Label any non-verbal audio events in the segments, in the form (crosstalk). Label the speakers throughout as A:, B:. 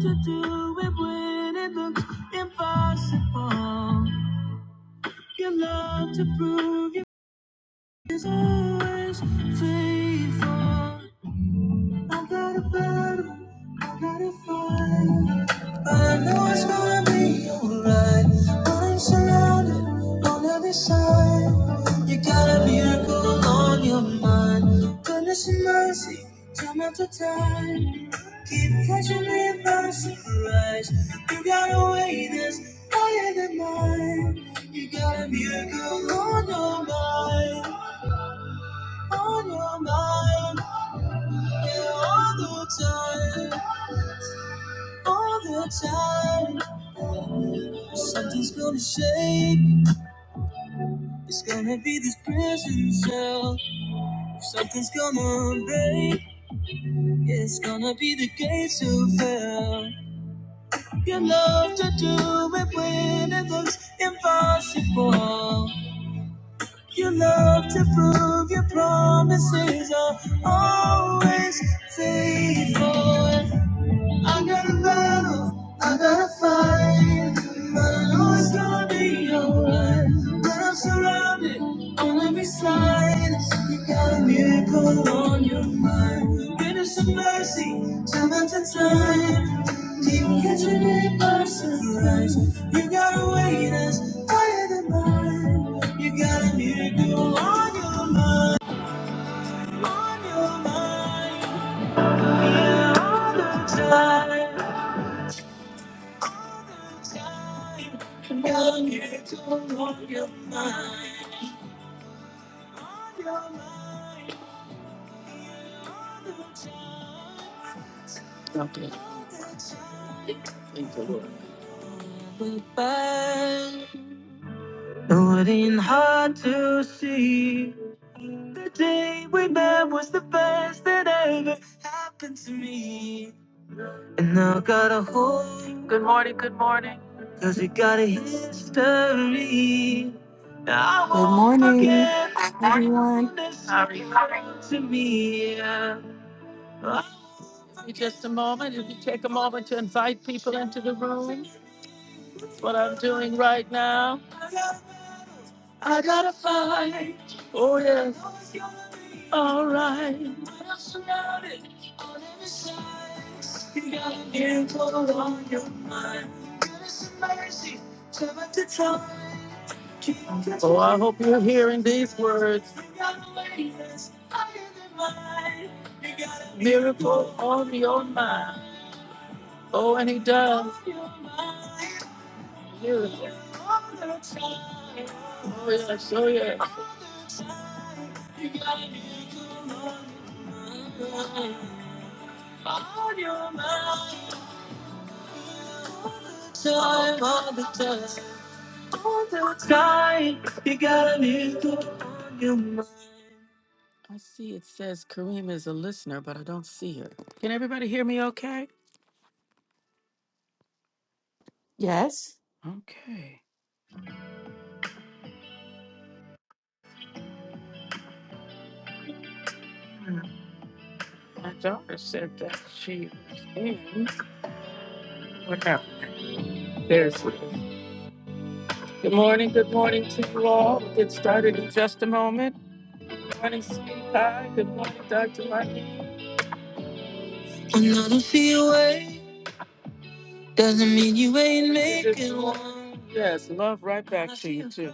A: to do it when it looks impossible. Your love to prove you is always faithful. I got a battle, I got a fight. I know it's gonna be alright, but I'm surrounded on every side. You got a miracle on your mind. Goodness and mercy, time after time. Keep catching me by surprise. You got a way that's higher than mine. You got a miracle on your mind, on your mind all the time, all the time. Something's gonna shake. It's gonna be this prison cell. Something's gonna break. Yeah, it's gonna be the gates of hell. You love to do it when it looks impossible. You love to prove your promises are always faithful. I got a battle, I got a fight, but I know it's gonna be alright. But I'm surrounded on every side. You got a miracle on your mind. Goodness and mercy, time after time. Deep catching it by surprise. You got a way that's higher than mine. You got a miracle on your mind, on your mind. Yeah, all the time. Got you on your mind. on your mind, yeah. We bang. It wasn't hard to see. The day we met was the best that ever happened to me. And I got a hope. Good morning, good morning. Cause we got a history. I
B: Good
A: won't
B: morning,
A: forget. Good
B: everyone.
A: morning. Sorry. To me. yeah. Just a moment. If you take a moment to invite people into the room, that's what I'm doing right now. I gotta fight. Oh, yes. All right. You got a miracle on your mind. Goodness and mercy, turn back the clock, Oh, I hope you're hearing these words. You got a way that's higher than mine. You got a miracle on your mind. Oh, and he does. On your mind. Miracle. All the time. Oh, yes, oh, yes. All the time. You got a miracle on your mind. On your mind. time all the time. All the time. You got a new on your mind. I see it says Kareem is a listener, but I don't see her. Can everybody hear me okay?
B: Yes.
A: Okay. My daughter said that she was in. There's Good morning, good morning to you all. We'll get started in just a moment. Good morning, Sweetie Pie. Good morning, Dr. Martin. Another feel away doesn't mean you ain't making one. Yes, love right back to you, too.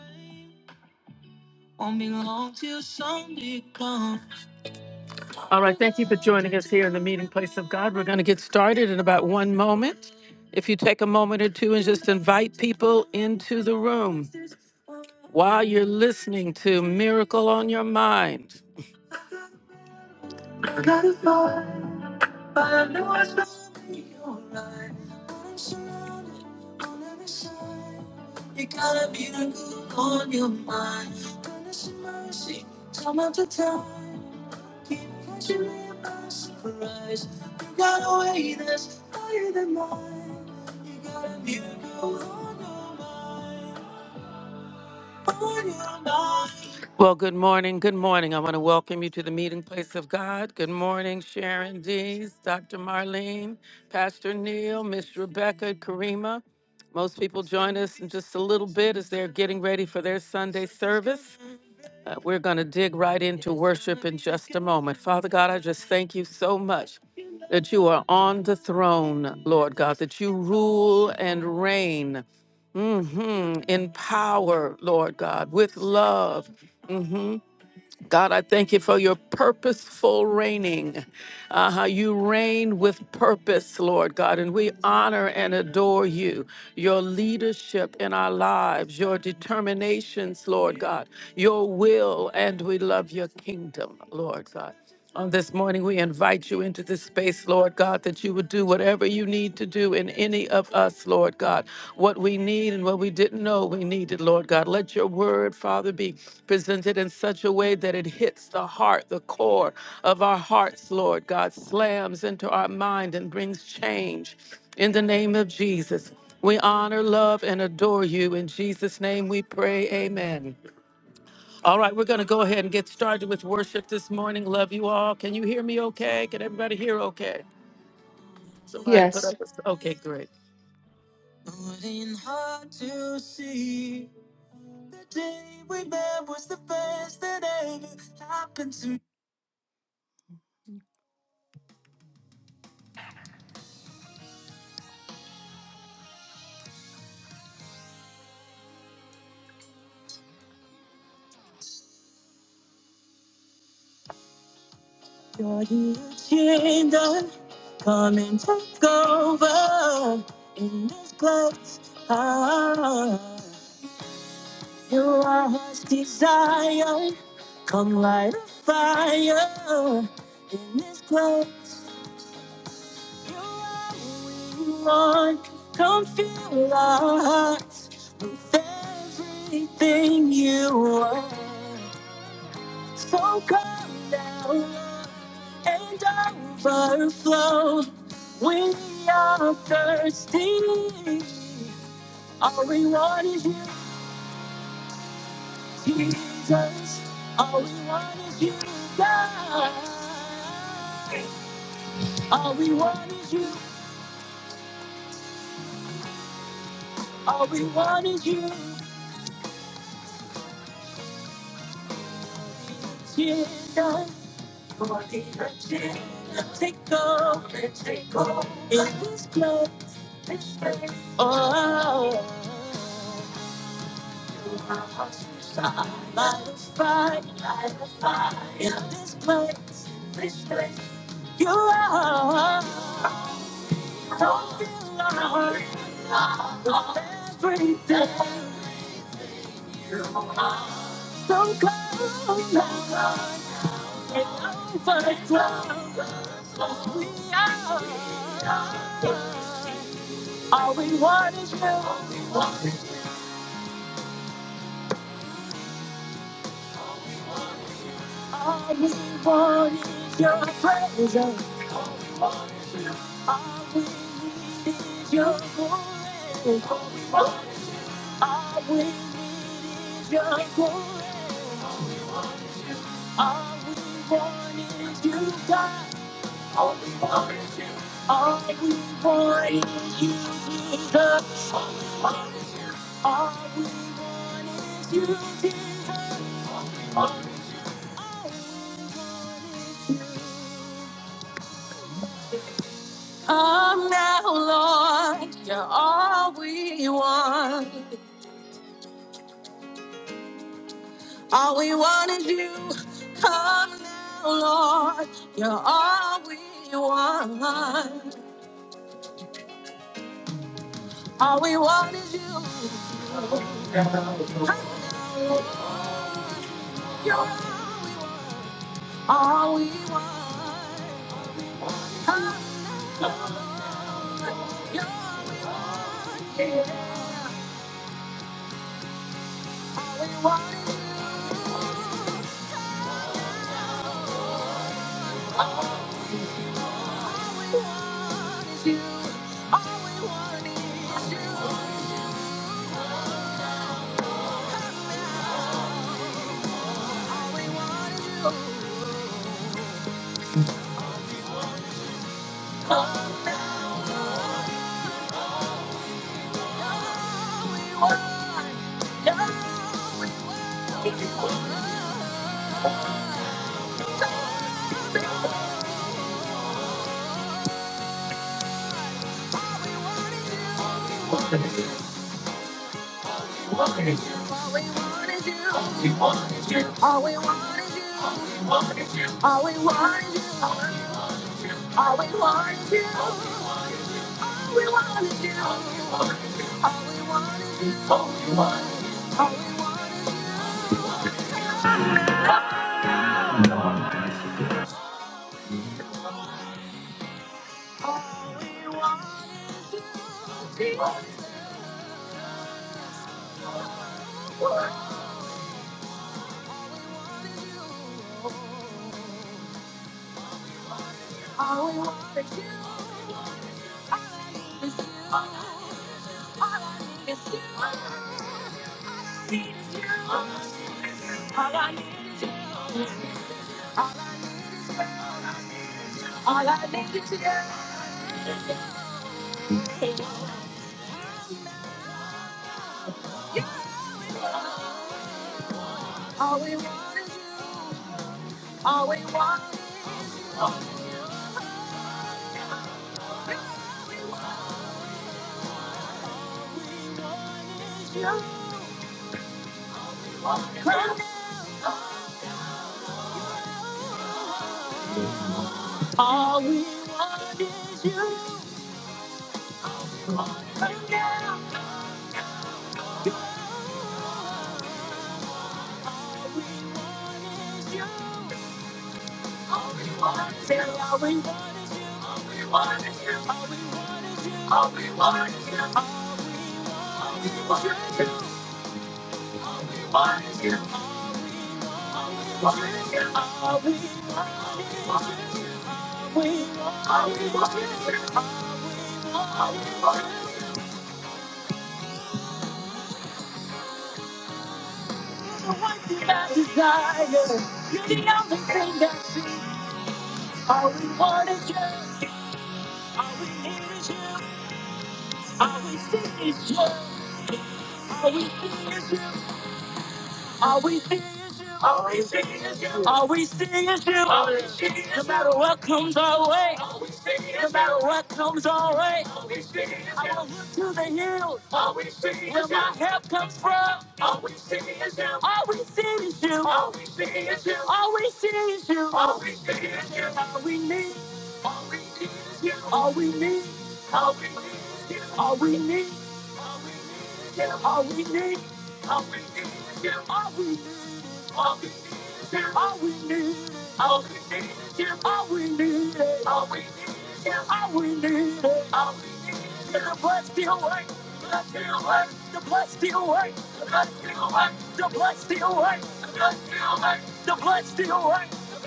A: All right, thank you for joining us here in the meeting place of God. We're going to get started in about one moment. If you take a moment or two and just invite people into the room while you're listening to Miracle on Your Mind. You got a miracle on your mind. Goodness and mercy, time after time. Keep catching me by surprise. You got a way that's higher than mine. You got a miracle on your mind. On your mind. Well, good morning. Good morning. I want to welcome you to the meeting place of God. Good morning, Sharon Dees, Dr. Marlene, Pastor Neil, Miss Rebecca, Karima. Most people join us in just a little bit as they're getting ready for their Sunday service. Uh, We're going to dig right into worship in just a moment. Father God, I just thank you so much that you are on the throne, Lord God, that you rule and reign mhm, in power, Lord God, with love. mm-hmm, God, I thank you for your purposeful reigning. Uh, how you reign with purpose, Lord God, and we honor and adore you. Your leadership in our lives, your determinations, Lord God, your will, and we love your kingdom, Lord God. On this morning, we invite you into this space, Lord God, that you would do whatever you need to do in any of us, Lord God. What we need and what we didn't know we needed, Lord God. Let your word, Father, be presented in such a way that it hits the heart, the core of our hearts, Lord God, slams into our mind and brings change. In the name of Jesus, we honor, love, and adore you. In Jesus' name we pray, amen. All right, we're going to go ahead and get started with worship this morning. Love you all. Can you hear me okay? Can everybody hear okay? Somebody put
B: Yes.
A: up a. Okay, great. Wouldn't hard to see the day we met was the best that ever happened to God. You changed us. Come and take over in this place. Ah, You are his desire. Come light a fire in this place. You are who we want. Come fill our hearts with everything you are. So come now Lord, and overflow. We are thirsty. Our reward is you. Jesus, all we want is you, God. All we want is you, all we want is you, Jesus. For the agenda, Take over, take over in this place, this place. Oh, You are hospital. light a fire, light a fire in this place, this place. You are, don't feel alone. Everything so close now, it overflows. We are all we want is you. All we want is your presence. All we need is your glory. All we need is your glory. All we want is you, God. All we want is you, Jesus. All we want is you, Jesus. All we want is you. Come now, Lord. You're all we want. All we want is you. Yeah, we want is you. All we want yeah. All we want is you. All we want is you. All we want is you. All we want is you. All we want is you. All we want is you. All we want is you. All we want is you. All we want is you. All we want is you. All we want is you. All we want is you. All I need is you. All I need is you. All I need is you. All I need is you. All I need is you. All we want is you. All we want is you. All we want is you. Yeah, we want you. All we want is you. All we want is you. All we want is you. Always do, is you. All we feel, all we see is you. All we do, all we see is you. no matter what comes our way, all we see is you. no matter what, all we see is you. I will look to all we see is you. with my help. All we see is you. All we see is you. All we see is you. All you. All we need is you. All we need. All we need is you. All we need. All we need is you. All we need. All we need is you. All we need. All we need is you. All we need. All we need is All we need. All we need is All we need. All we need is All we need. All we need is the blood still works. The blood still works. The blood still works. The blood still works. The blood still works. The blood still works. The blood still works. The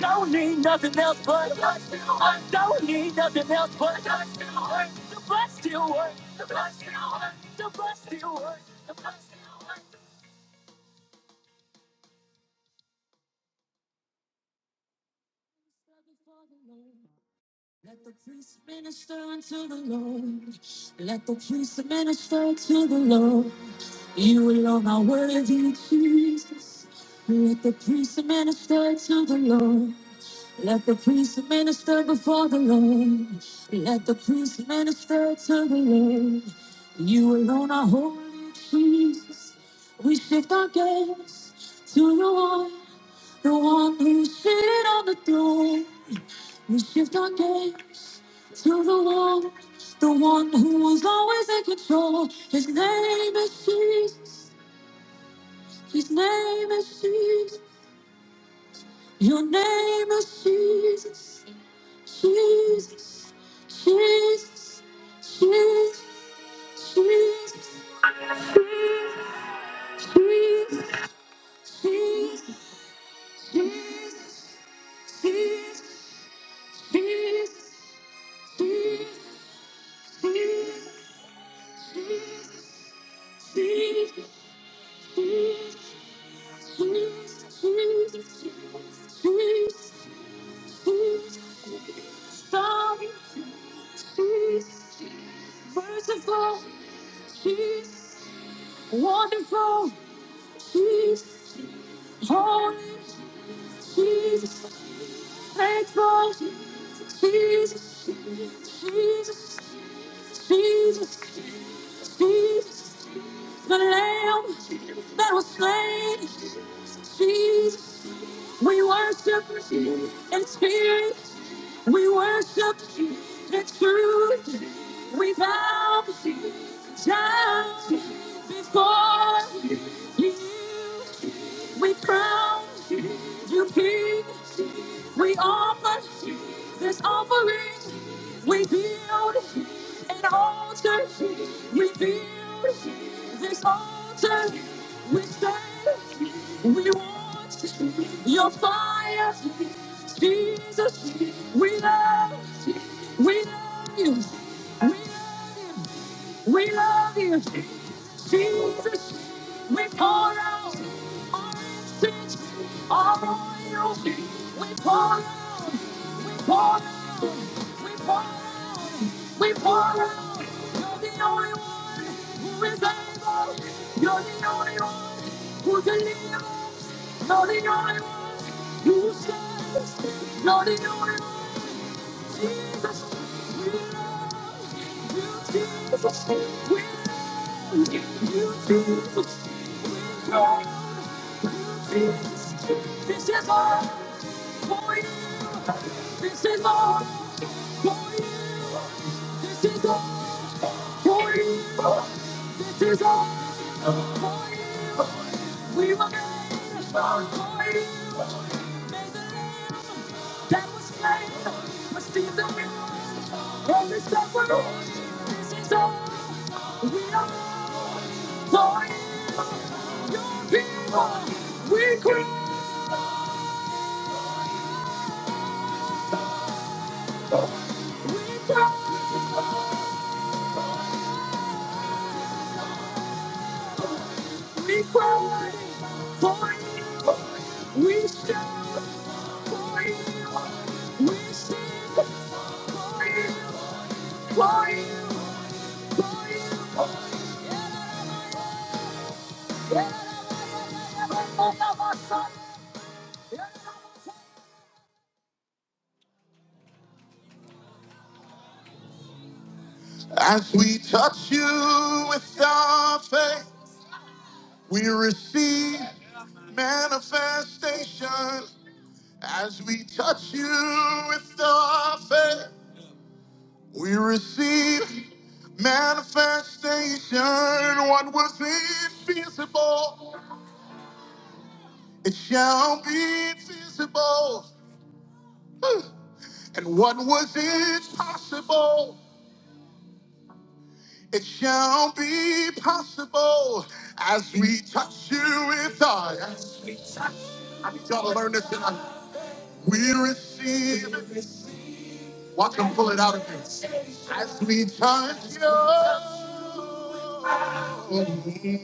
A: Don't need nothing else but the blood still works. Don't need nothing else but the blood still works. The blood still works. The blood still works. The blood still works. The blood still works. Let the priest minister unto the Lord. Let the priest minister unto the Lord. You alone are worthy, Jesus. Let the priest minister to the Lord. Let the priest minister before the Lord. Let the priest minister to the Lord. You alone are holy, Jesus. We shift our gaze to the one. The one who sit on the throne, we shift our gaze to the one, the one who was always in control. His name is Jesus. His name is Jesus. Your name is Jesus. Jesus. Jesus. Jesus. Jesus. Jesus. Jesus. Jesus. Jesus. Jesus. Jesus. Jesus. merciful, she's wonderful, she's holy, she's faithful, she's Jesus, Jesus, Jesus, Jesus, the Lamb that was slain, Jesus, we worship in spirit We worship the truth. We bow down before you. We crown you king. We offer this offering. We build an altar. We build this altar. We say we want your fire. Jesus, we love you. We love you. We love you. We love you. Jesus, we pour out our incense, our oil. We pour out, pour out, we pour out, we pour out. You're the only one who is able. You're the Jesus. You're the one. This is all for you. We were made as stars for you. May the Lamb that was slain receive the reward of his suffering. This is all we are for you. your people. We cry, we cry. As we touch you with our faith, we receive manifestation. As we touch you with our faith. We receive manifestation. What was invisible, it shall be visible. (sighs) And what was impossible, it shall be possible as we touch you with our. hands. I need y'all to learn this tonight. We receive. Watch them pull it out of me. As we touch you. We receive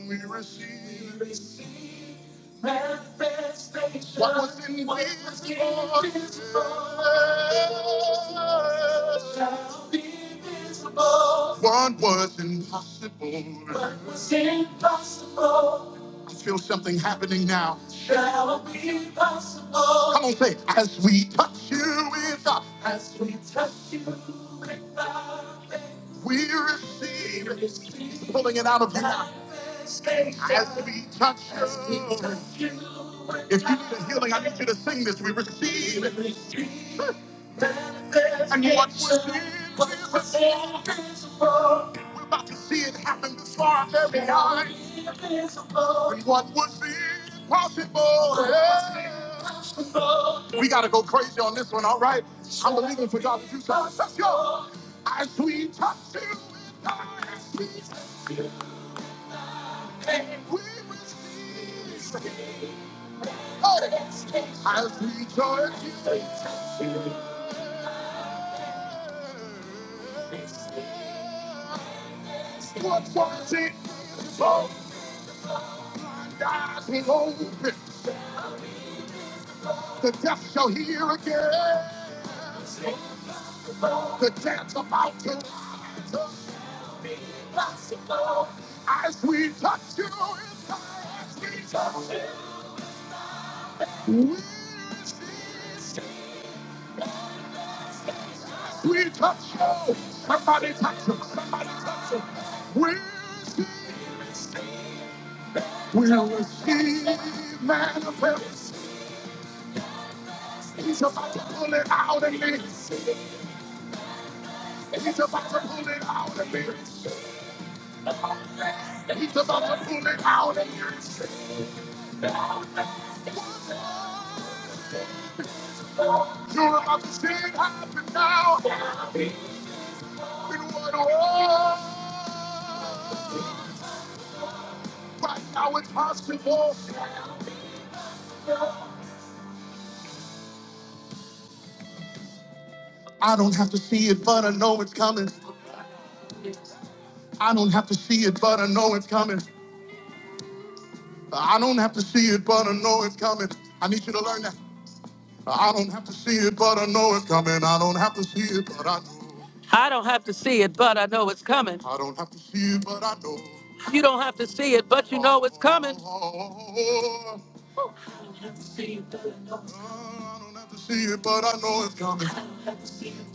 A: manifestation. what was invisible. be visible. What was impossible. What was impossible. I feel something happening now. Shall be possible. Come on, say, as we touch you with our as we touch you with our. We receive pulling it out of you as we touch you. If you need a healing, I need you to sing this. We receive and what we're seeing, we receive is healing. We're about to see it happen before our very eyes. And what was impossible? yeah. We gotta go crazy on this one, all right? I'm believing for God to do something special. As we touch you with our we receive. I'll rejoice you. What was it? Oh, and eyes will open. The deaf shall hear again. The dance about to be possible As we touch you as we touch you, we resist. We touch you. Somebody touch him. Somebody touch him. We resist. will receive manifest. He's about to pull it out of me. He's about to pull it out of me. He's about to pull it out of me. You're about to see it happen now. In one world, right now it's possible. I don't have to see it, but I know it's coming. I don't have to see it, but I know it's coming. I don't have to see it, but I know it's coming. I need you to learn that. I don't have to see it, but I know it's coming. I don't have to see it, but I know. I don't have to see it, but I know it's coming. I don't have to see it, but I know. You don't have to see it, but you know it's coming. Oh, I don't have to see it, but I know it's coming.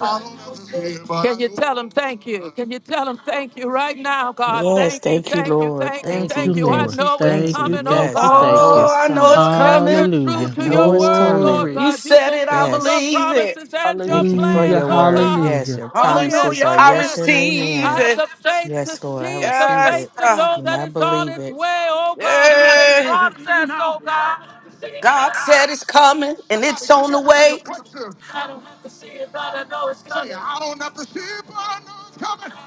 A: I don't have to see it, but I Can you know. tell him thank you? Can you tell him thank you right now, God?
B: Yes,
A: Thank you,
B: thank you,
A: thank you,
B: Lord.
A: thank you,
B: Thank
C: Thank
B: you,
C: you,
A: thank you. I
B: thank
C: Lord.
B: you,
A: know it's
B: thank
C: Thank you,
B: you.
A: coming, oh
C: thank
B: Yes.
C: you,
B: Yes, I
A: God.
C: thank
B: know
C: you.
D: Oh,
B: it's
D: I know
B: coming.
D: it's
A: Oh, yes,
D: coming.
A: you're true
B: I
C: Hallelujah.
A: to your
B: know it's
A: word,
B: coming.
A: Lord
C: Glory.
D: You
A: God. You
D: said it, I
A: fulfill your
B: Yes,
D: believe it.
A: promises and your
B: thank you for
C: Hallelujah,
A: plans,
B: your
A: oh
B: word.
A: God.
B: Yes,
C: hallelujah.
B: your
A: Oh, yes,
B: promises
D: Hallelujah,
B: are
A: oh,
D: I
B: yes
A: yes.
B: and
A: I
D: receive
B: amen.
A: have
D: it.
A: the faith to
B: Yes, Lord, I
A: see it, the
B: receive
A: faith
D: Yes,
B: it
A: to
D: God.
A: know
B: and
A: that
B: I
A: it's on
B: believe
A: its
B: it.
A: way, oh God. It's in
D: Yay.
A: process, oh God.
D: God said it's coming and
A: Somebody
D: it's
A: get
D: on the
A: ready for your
D: way.
A: breakthrough. Say, I don't have to see it, but I know it's coming.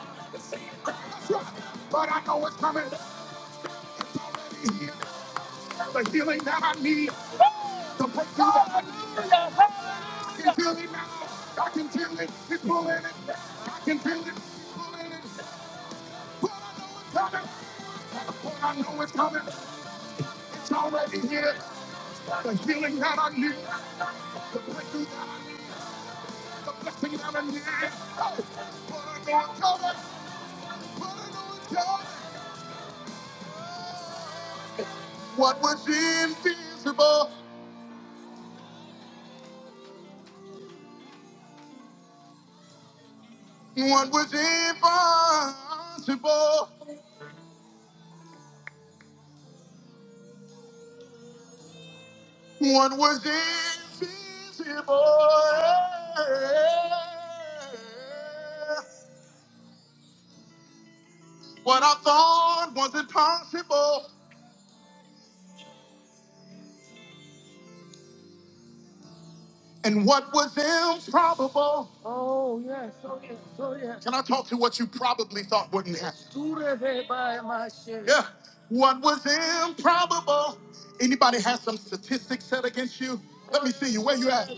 A: That's right. But I know it's coming. It's already here. The healing that I need, the breakthrough that I need. I can feel it now. I can feel it. It's pulling it. I can feel it. It's pulling it. But I know it's coming. But I know it's coming. It's already here. The healing that I need. The breakthrough that I need. The blessing that I need. Oh, but I know it's coming. But I know it's coming. What was invisible? What was impossible? What was invisible? yeah. What I thought was impossible and what was improbable. Can I talk to what you probably thought wouldn't happen? Yeah. What was improbable. Anybody has some statistics set against you? Let me see you. Where you at?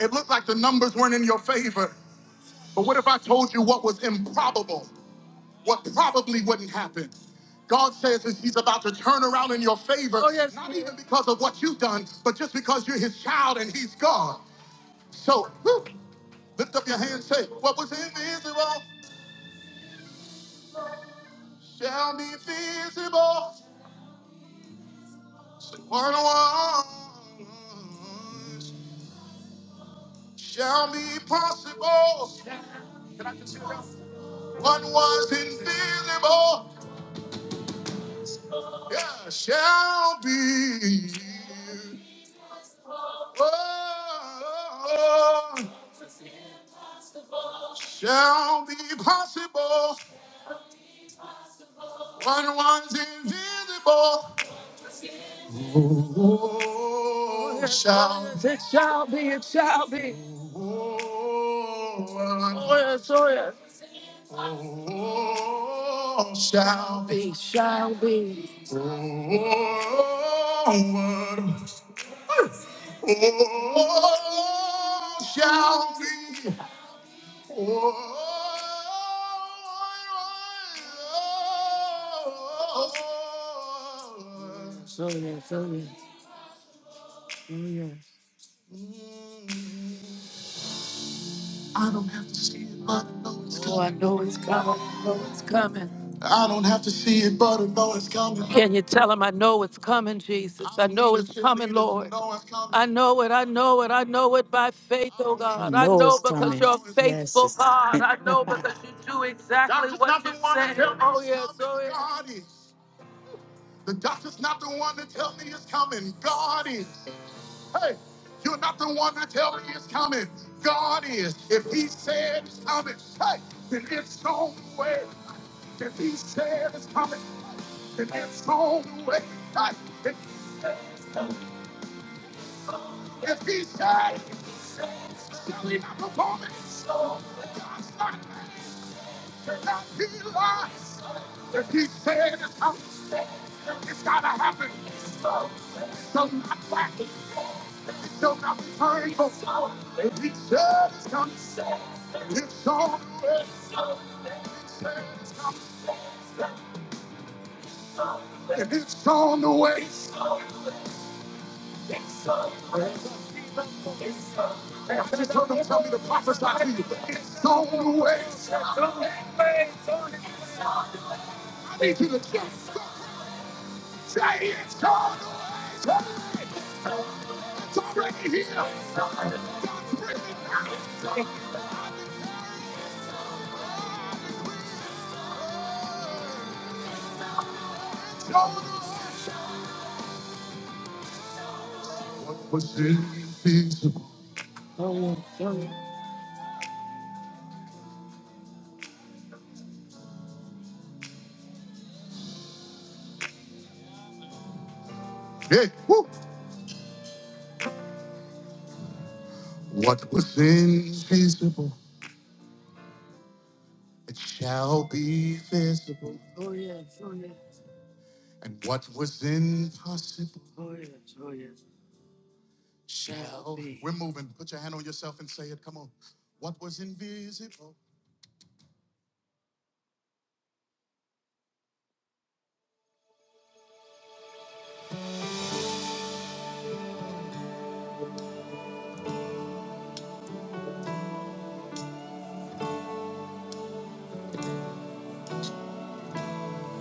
A: It looked like the numbers weren't in your favor. But what if I told you what was improbable? What probably wouldn't happen? God says that He's about to turn around in your favor, Oh, yes, not even because of what you've done, but just because you're His child and He's God. So, whew, lift up your hand and say, What was invisible shall be visible. Say, What was shall be possible. What was invisible yeah, shall be. Oh, shall be possible. What was invisible Oh, it shall. It shall be, it shall be. Oh, yes, oh, yes. Oh, shall be, shall be. Oh, oh, shall be. Oh, I don't have to see it, but I know it's coming. Oh, I know it's coming. I know it's coming. I don't have to see it, but I know it's coming. Can you tell him I know it's coming, Jesus? I know it's coming, Lord. I know I know it, I know it, I know it by faith, oh
B: I
A: God. I
B: know it's
A: know because
B: coming.
A: you're
B: Yes,
A: faithful,
B: it's
A: God.
B: coming.
A: I know
B: (laughs)
A: because you do exactly Doctor's what not the you one to say. tell me Oh, it's yes, coming. oh, yes. God is. The doctor's not the one to tell me it's coming. God is. Hey, you're not the one that tell me it's coming. God is. If he said it's coming, hey, then it's on the way. If he said it's coming, then it's on the way. Hey, if, if he said it's shall he not perform it? So God's not mad, cannot be lied. If he said it's coming, shall not return. If he said it's coming, then it's on the way. And it's on the way. I just heard him tell me to prophesy to you. It's on the way. It's on the way. I need you to just say it's on the way. It's already here. What was invisible? Hey, woo. What was invisible? It shall be visible. And what was impossible shall be. We're moving. Put your hand on yourself and say it. Come on. What was invisible?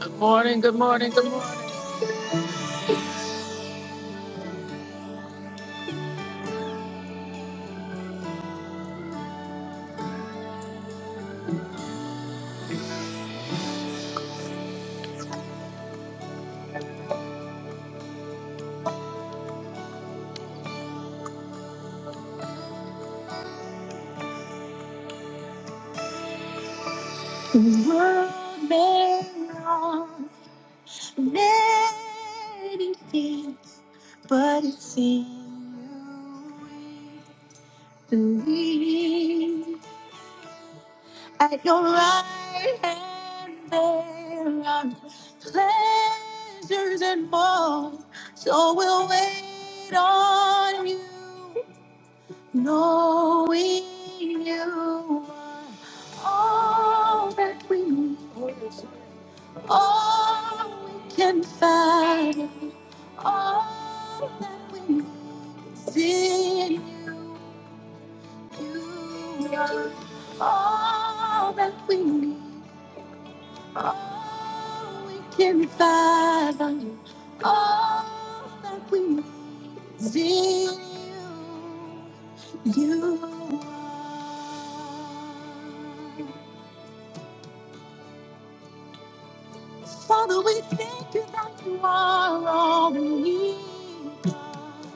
A: Good Good morning. morning. morning. but it's in you. Believe at your right hand there are pleasures and more. So we'll wait on you, knowing you are all that we need, all we can find. You are All we need.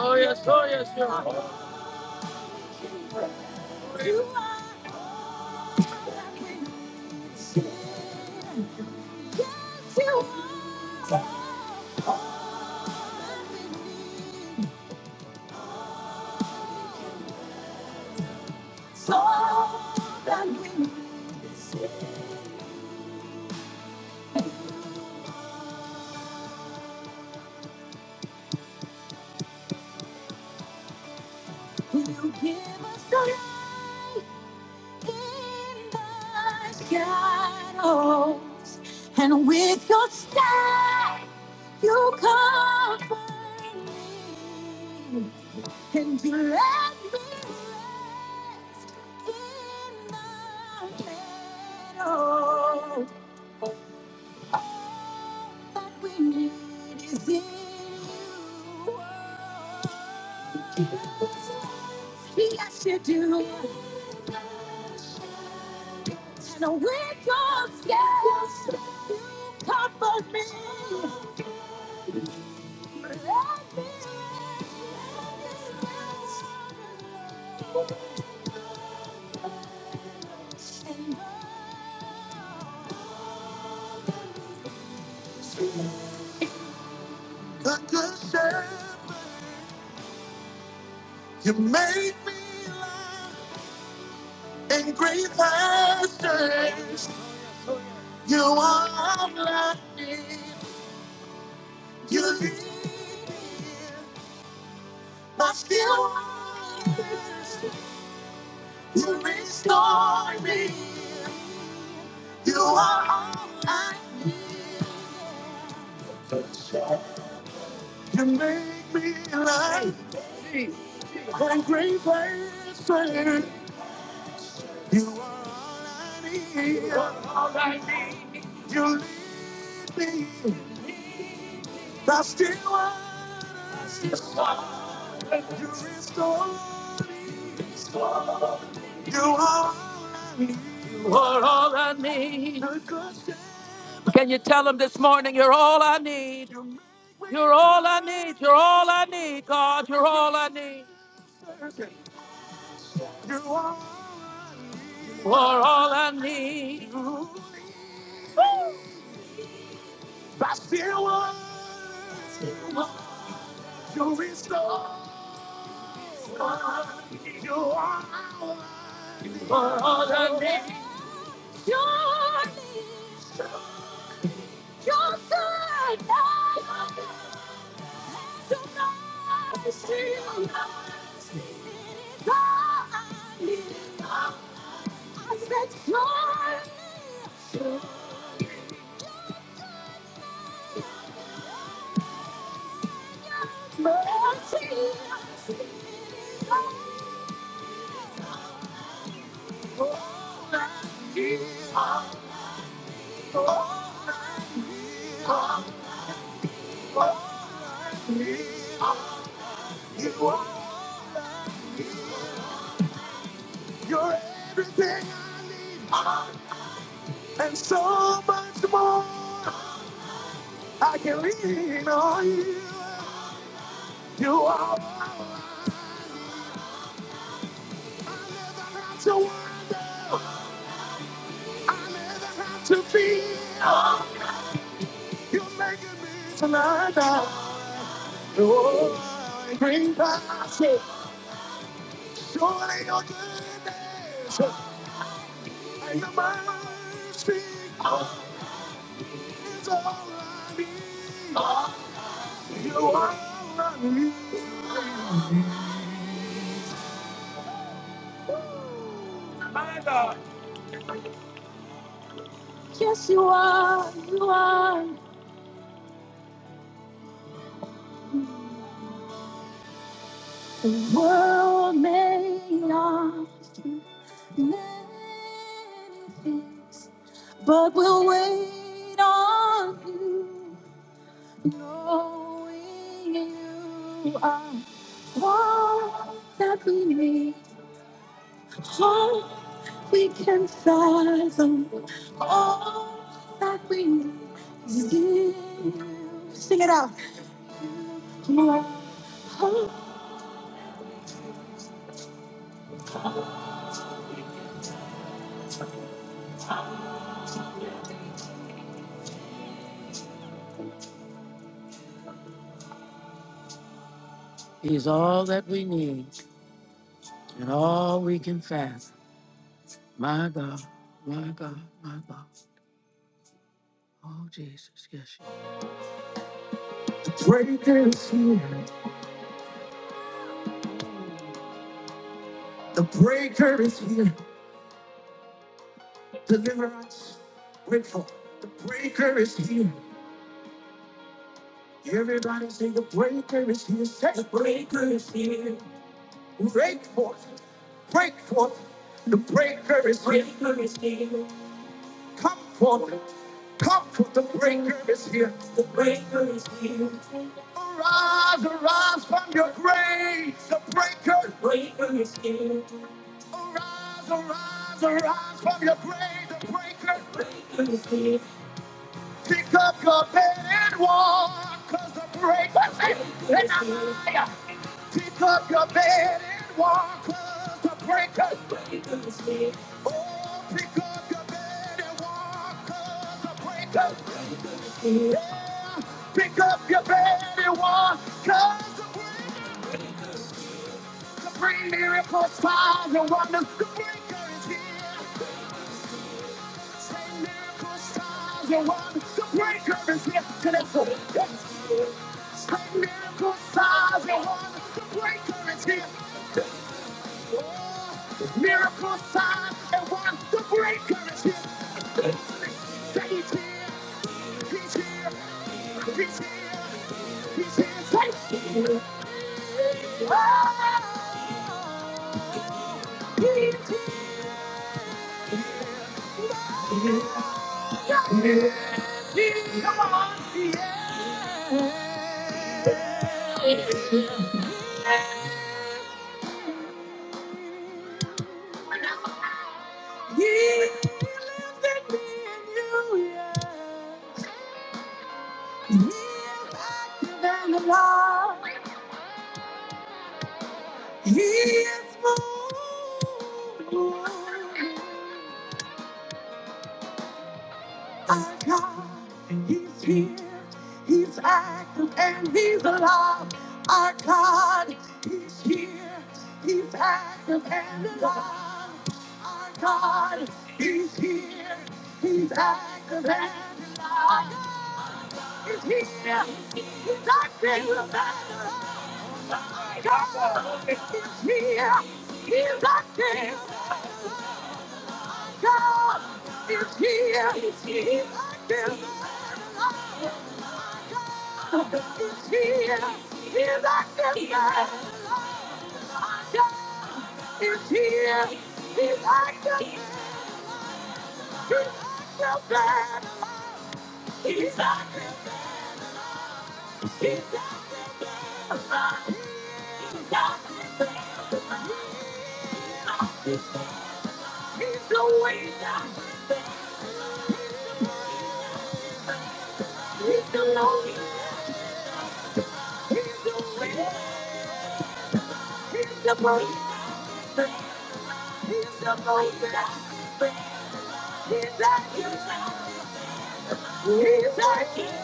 A: Oh yes, oh yes, you are. You are, you comfort me, and you let me rest in thy care. Yes, you do. And with your scales, you let me rest. let me rest. Like a shepherd, you make me lie in green pastures. You are all I need. You lead me by still waters. You restore me. You are all I need. You make me lie in green pastures. You are all I need. You. That's still what you restore. You are, all I need. Can you tell them this morning you're all I need? You're all I need. You're all I need, God. You're all I need. You are You are all I need. That's still what you restore. You are, you are all I need. You're good. To be, you're making me tonight. Pretty surely your goodness and your mercy is all I need. Yes, you are. You are. The world may not many things, but we'll wait on you, knowing you are all that we need. He's all that we need and all we can fast. My God, my God, my God. Oh, Jesus, yes. you are. Everybody sing the breaker is here. Say the breaker is here. Break forth, break forth. The breaker is here. Come forth, come forth. The breaker is here. The breaker is here. Arise, arise from your grave. The breaker. The breaker is here. Arise, arise, arise from your grave. The breaker. The breaker is here. Pick up your bed and walk, cause the break was in and I Pick up your bed and walk, cause the break was in. Oh, pick up your bed and walk, cause the break was in. yeah. Pick up your bed and walk, cause the break is- the Bring miracles, signs, and wonders. The breaker is here. You want to break up and get to the foot. Miracle sign and one, the breaker is here. Oh, miracle signs and one the breaker is here. Say he's here, he's here, he's here, he's here, say it. Oh, he lives in me and you, yeah. He is my God, He's here, He's active, and He's alive. Our God, He's here, He's active and alive. Our God, He's here, He's active and alive. He's here, He's active and alive. God, He's here, He's active. God, is here. He's active. He's here. He's active. is here. He's active. He's active, man. He's active. He's active. He's the winner. He's the lonely. He's the winner. He's the breaker. He's the breaker. He's active.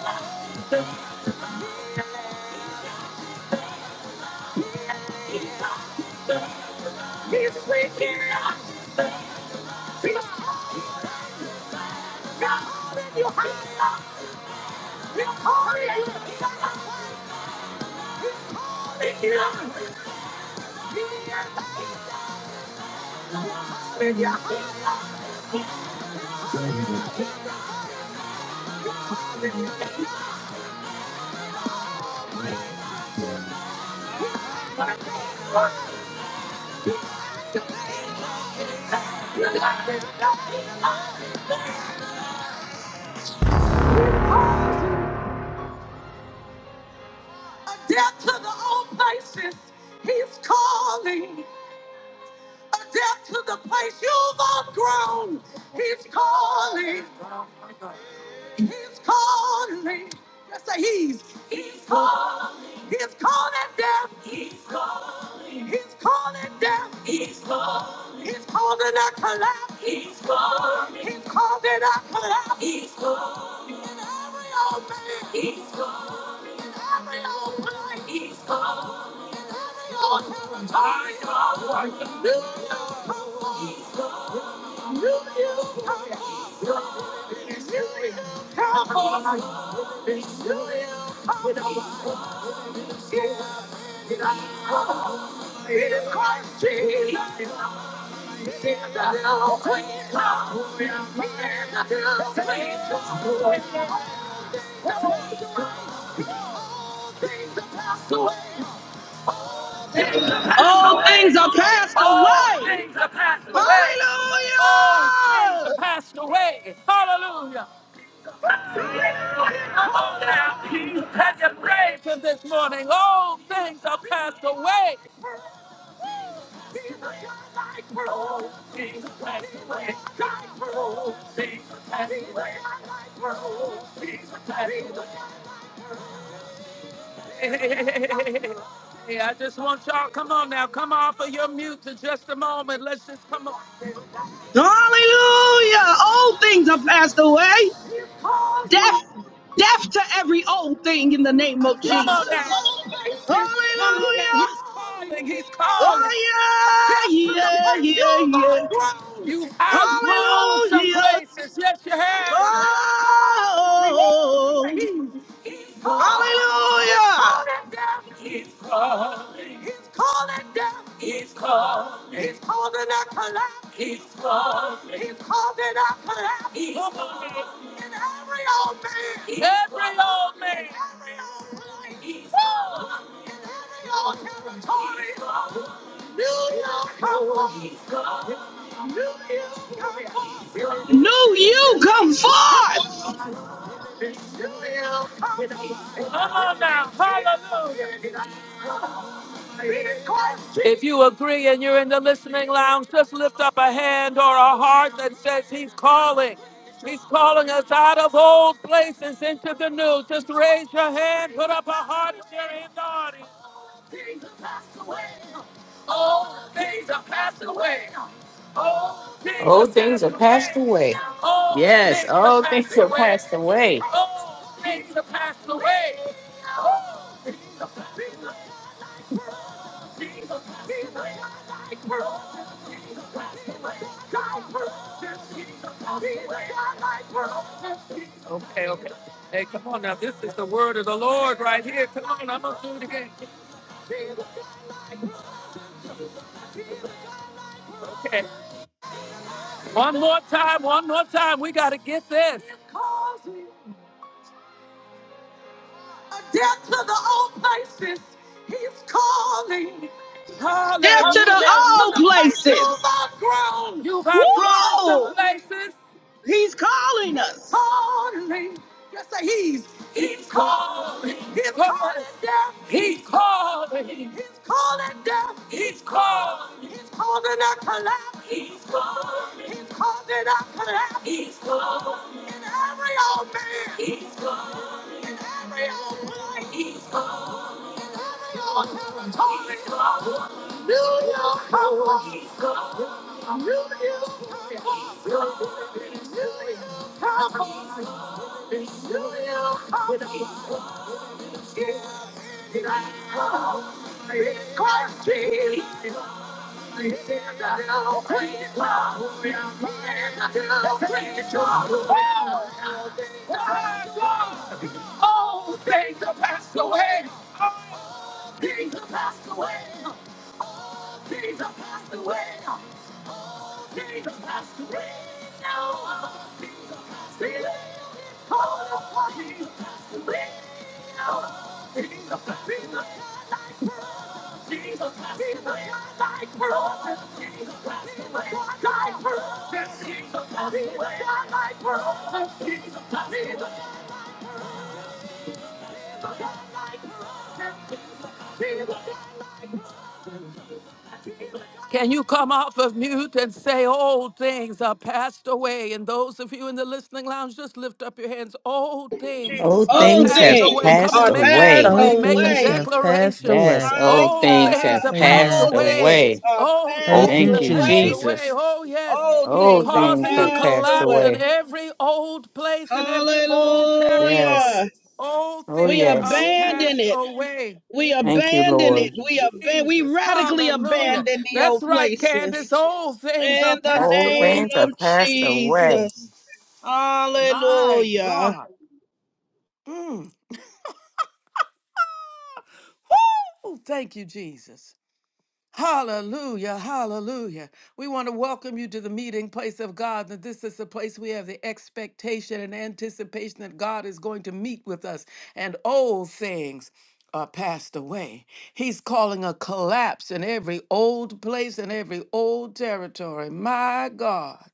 A: He's wicked. He's calling you higher. He's calling you. He's calling you. When you're hungry, death to the old places. He's calling. Adapt to the place you've outgrown. He's calling. He's calling. Let's say he's. He's calling. He's calling death. He's calling. He's calling death. He's calling. He's calling a collapse. He's calling. He's calling a collapse. He's calling. In every old man. He's calling. In every old place. He's calling.
D: All things are passed away.
A: Away.
D: Hallelujah!
A: Old things have passed away. Hallelujah. Now he's risen this morning. Old things have passed away. Things are passed away. Old things have passed away. Died for Old things have passed away. Died for Old things have passed away. (laughs) Hey, I just want y'all, come on now, come off of your mute for just a moment. Let's just come on.
D: Hallelujah! All things are passed away.
A: Come on
D: Death, death to every old thing in the name of
A: now. Come on
D: Jesus.
A: now. He's
D: Hallelujah!
A: calling. He's calling.
D: Oh yeah,
A: Death to the
D: yeah,
A: place
D: yeah,
A: you've
D: yeah.
A: outgrown. You've outgrown some
D: Hallelujah.
A: places. Yes, you have.
D: Oh, hallelujah.
A: It's coming. It's coming. It's coming. It's coming. Every old man. It's coming. Your territory. New York. Come on. New York. Come on. New York.
D: New you come
A: Come
D: forth.
A: on. Come on now. Hallelujah. If you agree and you're in the listening lounge, just lift up a hand or a heart that says he's calling. He's calling us out of old places into the new. Just raise your hand, put up a heart if you're in on things are passed away. All things are passed away. All things are
B: Old things
A: passed
B: are passed
A: away.
B: away.
A: All
B: Yes,
A: things are
B: all
A: passed
B: things are
A: away.
B: passed away.
A: All things are passed away. All things are passed away. Things are passed away. Like pearls. Things are passed away. Like pearls. Things are passed away. Like pearls. It's the word of the Lord right here. Come on, I'm gonna do it again. One more time, one more time. We gotta get this. Death to the old places. He's calling.
D: Death to the
A: Death to
D: old
A: the place you've
D: places.
A: outgrown. You've outgrown
D: Woo!
A: some places.
D: He's calling
A: He's
D: us.
A: calling. He's calling. He's calling. Death. He's calling. Death. He's calling. He's calling. He's calling. He's calling. Come on. Come on. Come on. All things are passed away. Oh, things are passed away. Things are passed away. Jesus has to reign now. Jesus has to reign. Call upon Jesus has to reign now. Jesus has to reign. Jesus has to reign. Like for us, Jesus has to reign. Like for us, Jesus has to reign. Like for us, Jesus has to reign. Like for us, Jesus has to reign. Can you come off of mute and say, Old things are passed away? And those of you in the listening lounge, just lift up your hands. Old things
B: Old
A: are
D: Old
B: things
A: passed
B: have
A: away.
D: things
A: Come
B: passed
A: on,
D: are
A: make a
D: passed
B: away.
C: All
A: decree, make a
C: things
D: away.
C: have passed
A: declaration.
C: away.
B: Yes,
D: My
B: old
A: Old
D: God.
B: things
A: things
B: have
A: are passed
B: passed
C: Amen.
D: Old
A: away.
D: things
B: away.
D: are
A: Old
E: Old,
C: Thank
D: passed
A: things
C: you,
A: are
B: Thank you,
A: passed
D: away.
C: Jesus.
A: away.
B: Jesus.
A: Oh, yes.
D: Old
A: He's
B: Old
D: things are
B: things
A: causing a
B: have
D: passed
B: passed
A: collapse
D: away.
A: in
B: away.
A: every old place and every old
B: Yes.
A: territory.
D: Hallelujah.
A: Old
B: Oh,
D: We
A: things are
B: yes.
D: abandon
A: passed
D: it.
A: away.
D: We
B: Thank you,
D: abandon it.
B: Lord.
D: We aban- we
A: Jesus.
D: radically
A: Hallelujah.
D: abandon the
A: That's
D: old
A: right, Candace.
D: places.
A: All things are
D: In the
A: passed
B: Old
D: name
A: away.
B: things
D: of
B: are passed away.
D: Jesus.
A: My
D: Hallelujah.
A: God. Mm. Woo! Thank you, Jesus. Hallelujah, hallelujah. We want to welcome you to the meeting place of God. That this is the place we have the expectation and anticipation that God is going to meet with us, and old things are passed away. He's calling a collapse in every old place and every old territory. My God.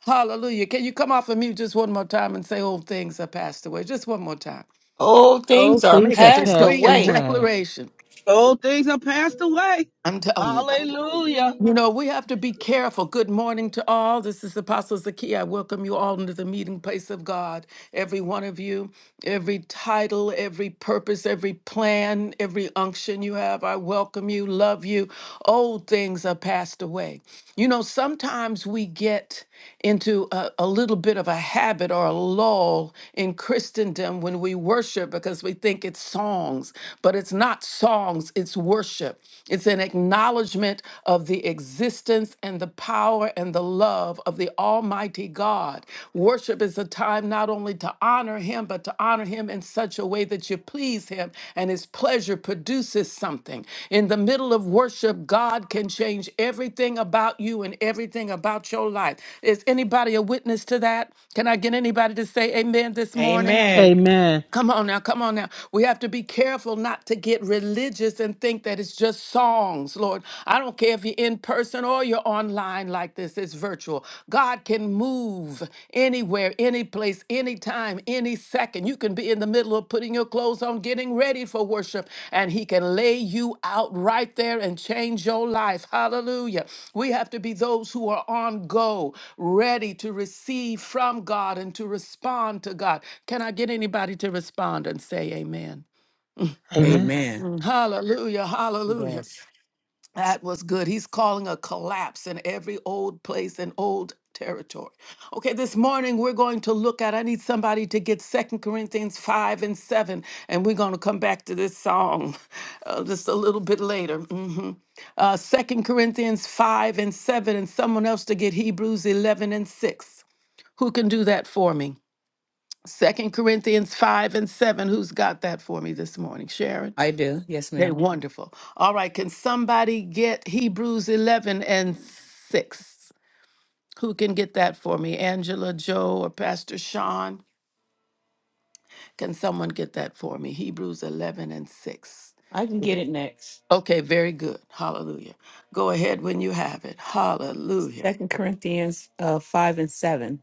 A: Hallelujah. Can you come off of mute just one more time and say, Old things are passed away? Just one more time.
B: Old
C: All
B: things are
C: things
A: Make a
C: have
B: passed
C: passed
A: decree and
B: away.
C: away.
A: declaration.
D: Old things are passed away.
A: I'm telling you.
D: Hallelujah.
A: You know, we have to be careful. Good morning to all. This is Apostle Zaki. I welcome you all into the meeting place of God. Every one of you, every title, every purpose, every plan, every unction you have, I welcome you, love you. Old things are passed away. You know, sometimes we get into a, a little bit of a habit or a lull in Christendom when we worship because we think it's songs, but it's not not songs, it's worship. It's an acknowledgement of the existence and the power and the love of the Almighty God. Worship is a time not only to honor Him, but to honor Him in such a way that you please Him and His pleasure produces something. In the middle of worship, God can change everything about you and everything about your life. Is anybody a witness to that? Can I get anybody to say amen this morning?
B: Amen.
C: Amen.
A: Come on now, come on now. We have to be careful not to get religious and think that it's just songs, Lord. I don't care if you're in person or you're online like this, it's virtual. God can move anywhere, any place, anytime, any second. You can be in the middle of putting your your clothes on, getting ready for worship, and He can lay you out right there and change your life. Hallelujah. We have to be those who are on go, ready to receive from God and to respond to God. Can I get anybody to respond and say amen?
E: amen.
C: Amen.
B: Amen.
A: Hallelujah. Hallelujah.
B: Yes.
A: That was good. He's calling a collapse in every old place and old territory. Okay, this morning we're going to look at, I need somebody to get Second Corinthians 5 and 7, and we're going to come back to this song (laughs) uh, just a little bit later. hmm Uh, 2 Corinthians 5 and 7, and someone else to get Hebrews 11 and 6. Who can do that for me? Second Corinthians 5 and 7. Who's got that for me this morning? Sharon?
B: I do. Yes,
A: They
B: ma'am.
A: wonderful. All right, can somebody get Hebrews 11 and 6? Who can get that for me? Angela, Joe, or Pastor Sean? Can someone get that for me? Hebrews 11 and 6.
B: I can get it next.
A: Okay, very good. Hallelujah. Go ahead when you have it. Hallelujah.
B: Second Corinthians uh, 5 and 7.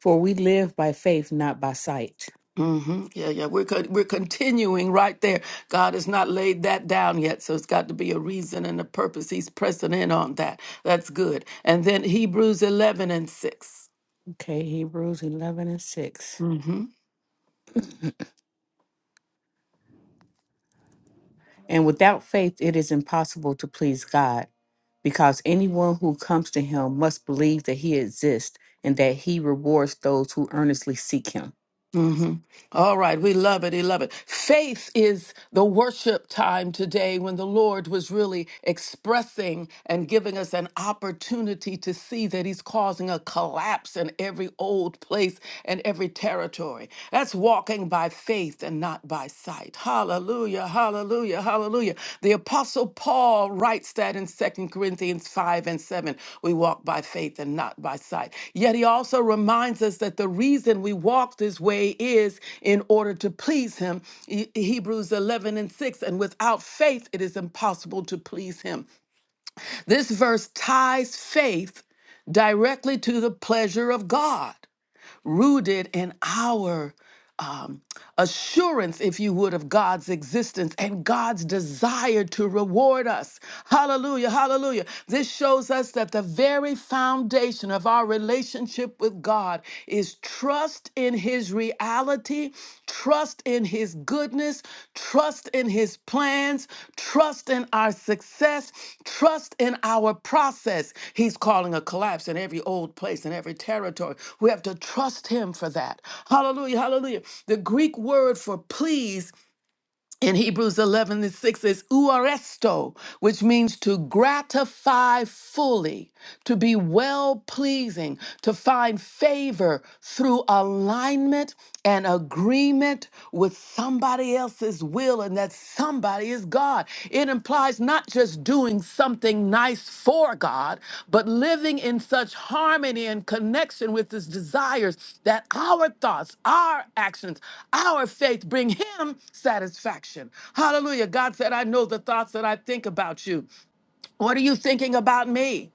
B: For we live by faith, not by sight.
A: hmm Yeah, yeah. We're con- we're continuing right there. God has not laid that down yet, so it's got to be a reason and a purpose. He's pressing in on that. That's good. And then Hebrews eleven and 6
B: Okay, Hebrews 11 and 6.
A: Mm-hmm.
B: And without faith, it is impossible to please God, because anyone who comes to him must believe that he exists and that he rewards those who earnestly seek him.
A: hmm All right, we love it. We love it. Faith is the worship time today when the Lord was really expressing and giving us an opportunity to see that He's causing a collapse in every old place and every territory. That's walking by faith and not by sight. Hallelujah. Hallelujah, hallelujah, hallelujah. The Apostle Paul writes that in Second Corinthians 5 and 7. We walk by faith and not by sight. Yet he also reminds us that the reason we walk this way is in order to please him. E- Hebrews 11 and 6. And without faith, it is impossible to please him. This verse ties faith directly to the pleasure of God, rooted in our um, assurance, if you would, of God's existence and God's desire to reward us. Hallelujah, hallelujah. This shows us that the very foundation of our relationship with God is trust in His reality, trust in His his goodness, trust in his plans, trust in our success, trust in our process. He's calling a collapse in every old place, in every territory. We have to trust him for that. Hallelujah, hallelujah. The Greek word for please in Hebrews 11 and 6 is uaresto, which means to gratify fully, to be well pleasing, to find favor through alignment and agreement with somebody else's will, and that somebody is God. It implies not just doing something nice for God, but living in such harmony and connection with His desires that our thoughts, our actions, our faith bring Him satisfaction. Hallelujah. God said, I know the thoughts that I think about you. What are you thinking about me?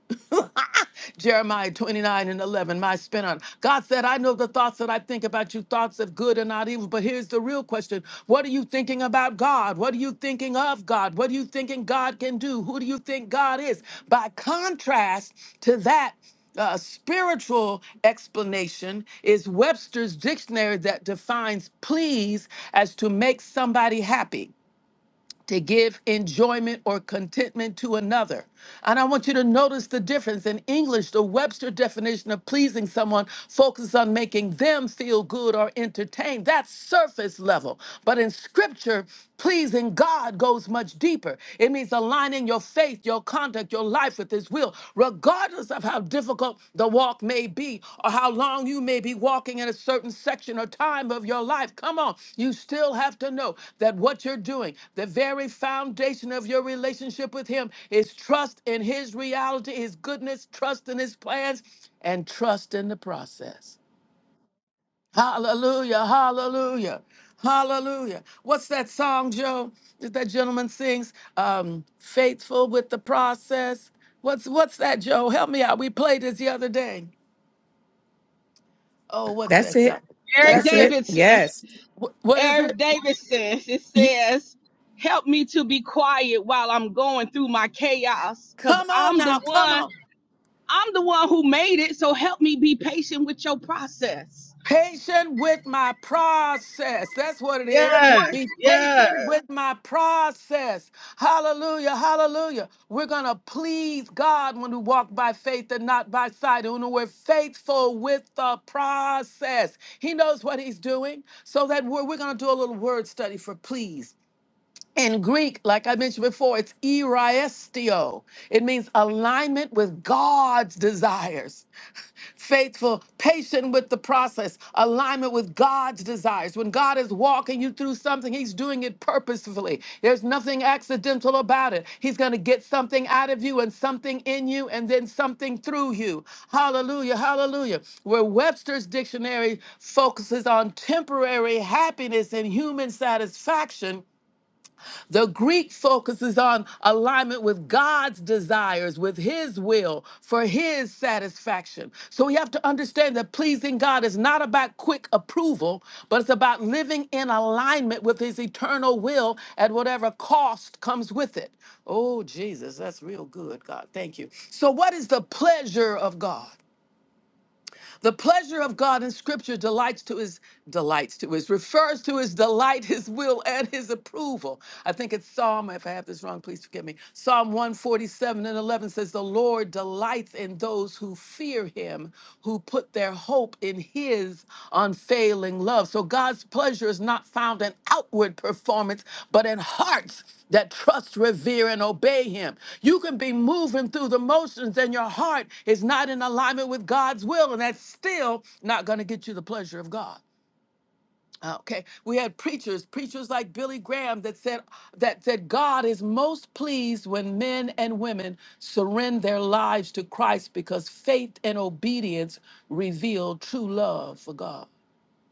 A: Jeremiah 29 and 11, my spin on. God said, I know the thoughts that I think about you, thoughts of good and not evil. But here's the real question What are you thinking about God? What are you thinking of God? What are you thinking God can do? Who do you think God is? By contrast to that, uh, spiritual explanation is Webster's dictionary that defines please as to make somebody happy to give enjoyment or contentment to another. And I want you to notice the difference. In English, the Webster definition of pleasing someone focuses on making them feel good or entertained. That's surface level. But in scripture, pleasing God goes much deeper. It means aligning your faith, your conduct, your life with his will will, regardless of how difficult the walk may be or how long you may be walking in a certain section or time of your life. Come on, you still have to know that what you're doing, the very foundation of your relationship with Him, is trust in His reality, His goodness, trust in His plans, and trust in the process. Hallelujah, hallelujah, hallelujah. What's that song, Joe, that that gentleman sings? Um, Faithful with the process. What's what's that, Joe? Help me out. We played this the other day. Oh, what's
B: That's
A: that?
B: it.
A: God?
D: Eric
B: That's
A: That's it.
B: it.
D: Davidson.
B: Yes.
A: Wh- What is
D: Eric
A: it?
D: Davidson. It
A: Ye-
D: says, help me to be quiet while I'm going through my chaos. Cause
A: Come on
D: I'm the
A: now, come
D: one,
A: on.
D: I'm the one who made it. So help me be patient with your process.
A: patient with my process. That's what it is.
D: Yeah.
A: Be
D: Yeah.
A: patient with my process. Hallelujah. Hallelujah. We're going to please God when we walk by faith and not by sight. And when we're faithful with the process, He knows what He's doing. So that we're, we're going to do a little word study for please. In Greek, like I mentioned before, it's eristio. It means alignment with God's desires. Faithful, patient with the process, alignment with God's desires. When God is walking you through something, He's doing it purposefully. There's nothing accidental about it. He's going to get something out of you and something in you and then something through you. Hallelujah, hallelujah. Where Webster's dictionary focuses on temporary happiness and human satisfaction, the Greek focuses on alignment with God's desires, with His will, for His satisfaction. So we have to understand that pleasing God is not about quick approval, but it's about living in alignment with His eternal will at whatever cost comes with it. Oh, Jesus, that's real good, God. Thank you. So, what is the pleasure of God? The pleasure of God in scripture delights to his delights to his refers to his delight, his will, and his approval. I think it's Psalm, if I have this wrong, please forgive me. Psalm 147 and 11 says, The Lord delights in those who fear him, who put their hope in him his unfailing love. So God's pleasure is not found in outward performance, but in hearts that trust, revere, and obey him. You can be moving through the motions and your heart is not in alignment with God's will, and that's still not going to get you the pleasure of God. Uh, Okay, we had preachers, preachers like Billy Graham that said that said God is most pleased when men and women surrender their lives to Christ because faith and obedience reveal true love for God.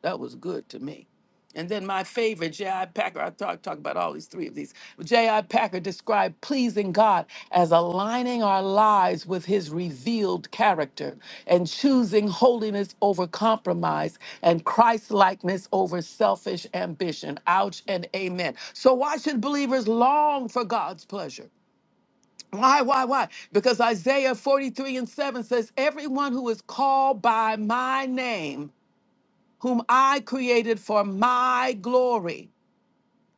A: That was good to me. And then my favorite, J.I. Packer, I talk, talk about all these three of these. J.I. Packer described pleasing God as aligning our lives with his revealed character and choosing holiness over compromise and Christ likeness over selfish ambition. Ouch and amen. So, why should believers long for God's pleasure? Why, why, why? Because Isaiah 43 and 7 says, Everyone who is called by my name whom I created for my glory,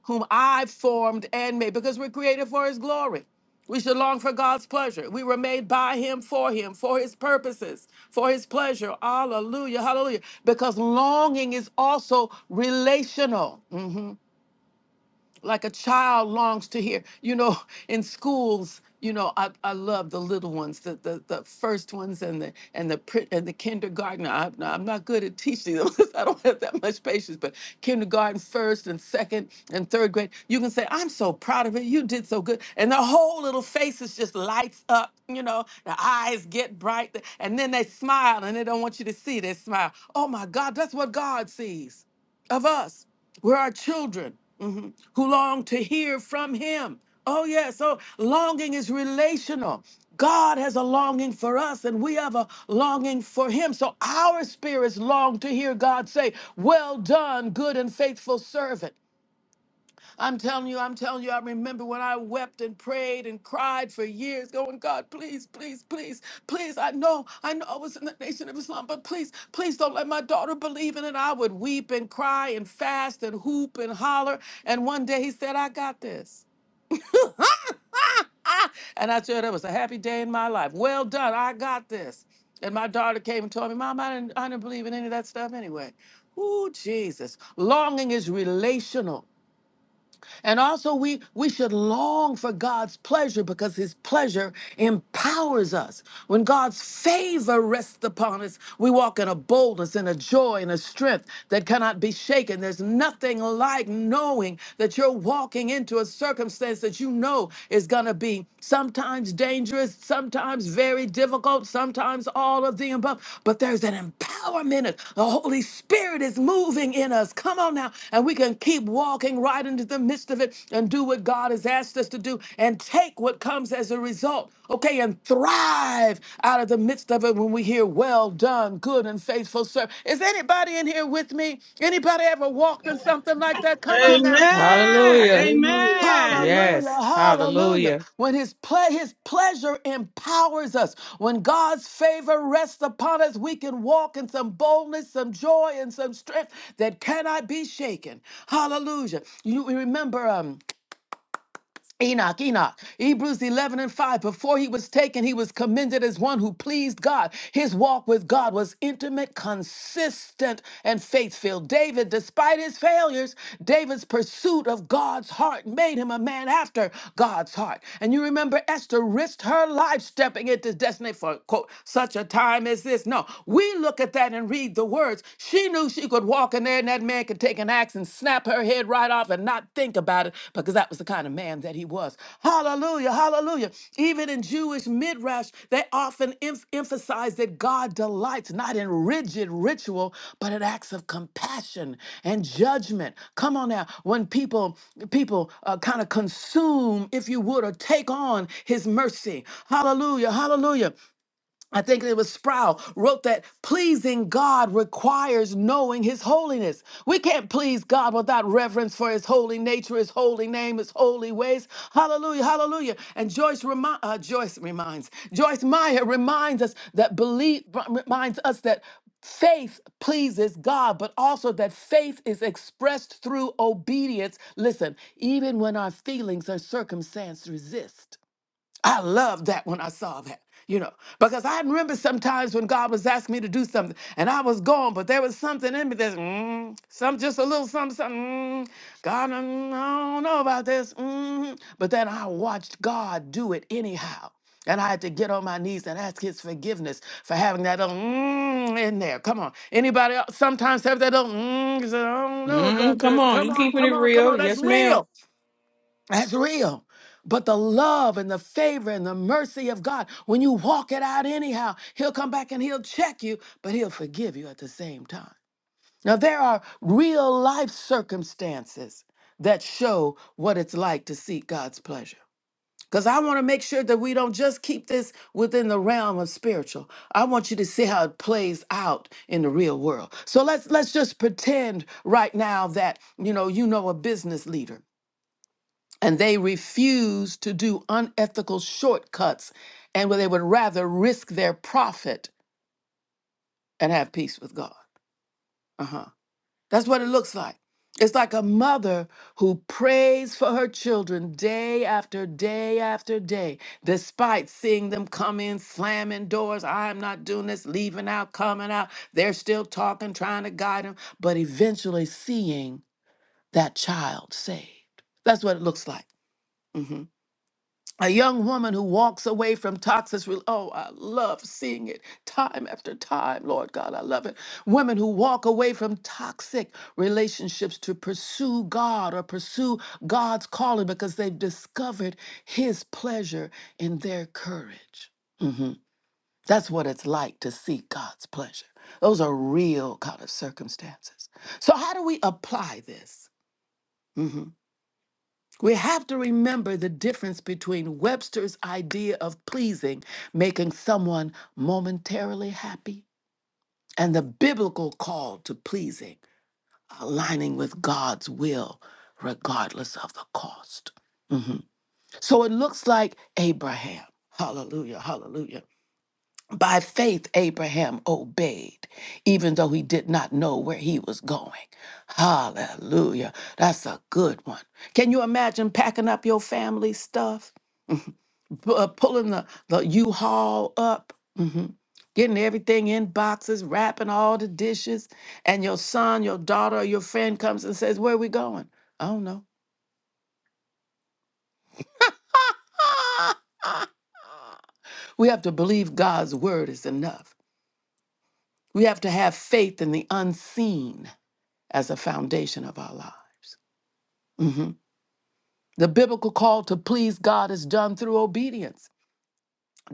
A: whom I formed and made, because we're created for his glory. We should long for God's pleasure. We were made by him, for him, for his purposes, for his pleasure. Hallelujah, hallelujah. Because longing is also relational. Mhm like a child longs to hear. You know, (laughs) in schools, you know, I, I love the little ones, the, the the first ones, and the and the pri- and the kindergarten. I, I'm I'm not good at teaching them. (laughs) 'cause I don't have that much patience. But kindergarten, first and second and third grade, you can say, "I'm so proud of it. You did so good," and their whole little faces just lights up. You know, the eyes get bright, and then they smile, and they don't want you to see their smile. Oh my God, that's what God sees of us. We're our children mhm, who long to hear from Him. Oh, yeah. So longing is relational. God has a longing for us, and we have a longing for Him. So our spirits long to hear God say, Well done, good and faithful servant. I'm telling you, I'm telling you, I remember when I wept and prayed and cried for years, going, God, please, please, please, please. I know, I know I was in the nation of Islam, but please, please don't let my daughter believe in it. I would weep and cry and fast and hoop and holler. And one day he said, I got this. (laughs) and I said, that was a happy day in my life. Well done, I got this. And my daughter came and told me, Mom, I didn't, I didn't believe in any of that stuff anyway. Ooh, Jesus. Longing is relational. And also we we should long for God's pleasure because his pleasure empowers us. When God's favor rests upon us, we walk in a boldness and a joy and a strength that cannot be shaken. There's nothing like knowing that you're walking into a circumstance that you know is going to be sometimes dangerous, sometimes very difficult, sometimes all of the above, but there's an empowerment. The Holy Spirit is moving in us. Come on now. And we can keep walking right into the midst of it and do what God has asked us to do and take what comes as a result. Okay, and thrive out of the midst of it when we hear, well done, good and faithful servant. Is anybody in here with me? Anybody ever walked in something like that? Come on
D: Amen.
A: now.
B: Hallelujah.
D: Amen.
A: Hallelujah,
B: Yes.
A: hallelujah.
B: Hallelujah.
A: When his play his pleasure empowers us. When God's favor rests upon us, we can walk in some boldness, some joy, and some strength that cannot be shaken. Hallelujah. You remember um Enoch, Enoch, Hebrews 11 and 5. Before he was taken, he was commended as one who pleased God. His walk with God was intimate, consistent, and faith filled. David, despite his failures, David's pursuit of God's heart made him a man after God's heart. And you remember Esther risked her life stepping into destiny for, quote, such a time as this. No, we look at that and read the words. She knew she could walk walk in there and that man could take an axe and snap her head right off and not think about it because that was the kind of man that he was. Hallelujah, hallelujah. Even in Jewish midrash, they often emph- emphasize that God delights not in rigid ritual, but in acts of compassion and judgment. Come on now, when people people uh, kind of consume, if you would, or take on His mercy. Hallelujah, hallelujah. I think it was Sproul wrote that pleasing God requires knowing his holiness. We can't please God without reverence for his holy nature, his holy name, his holy ways. Hallelujah, hallelujah. And Joyce, remi- uh, Joyce reminds, Joyce Meyer reminds us that belief, reminds us that faith pleases God, but also that faith is expressed through obedience. Listen, even when our feelings or circumstance resist. I loved that when I saw that, you know, because I remember sometimes when God was asking me to do something and I was gone, but there was something in me that's mm, some just a little something, something. Mm, God, mm, I don't know about this. Mm. But then I watched God do it anyhow. And I had to get on my knees and ask his forgiveness for having that little mm in there. Come on. Anybody else sometimes have that little mm, 'cause I don't know
B: Mm,
A: about
B: come
A: this.
B: on.
A: Come
B: You
A: on,
B: keeping it
A: come on, come
B: real.
A: on. That's
B: Yes,
A: real.
B: ma'am.
A: That's real. But the love and the favor and the mercy of God, when you walk it out anyhow, He'll come back and He'll check you, but He'll forgive you at the same time. Now, there are real life circumstances that show what it's like to seek God's pleasure. Because I want to make sure that we don't just keep this within the realm of spiritual. I want you to see how it plays out in the real world. So let's let's just pretend right now that you know you know a business leader and they refuse to do unethical shortcuts and where they would rather risk their profit and have peace with God. Uh-huh. That's what it looks like. It's like a mother who prays for her children day after day after day, despite seeing them come in slamming doors. I'm not doing this, leaving out, coming out. They're still talking, trying to guide them, but eventually seeing that child saved. That's what it looks like. Mm-hmm. a young woman who walks away from toxic rel- oh i love seeing it time after time lord god i love it women who walk away from toxic relationships to pursue god or pursue god's calling because they've discovered his pleasure in their courage Mhm. that's what it's like to seek god's pleasure those are real kind of circumstances so how do we apply this Mhm. we have to the difference between webster's idea of pleasing making someone momentarily happy, and the biblical call aligning with God, though, regardless of. them. So it looks like Abraham. Hallelujah, hallelujah. By faith, Abraham obeyed, even though he did not know where he was going. Hallelujah. That's a good one. Can you imagine packing up your family stuff? pu- uh, pulling the, the U-Haul up, mhm, getting everything in boxes, wrapping all the dishes, and your son, your daughter, or your friend comes and says, Where are we going? I don't know. (laughs) we have to believe God's word is enough. We have to have faith in the unseen as a foundation of our lives. Mhm. The biblical call to please God is done through obedience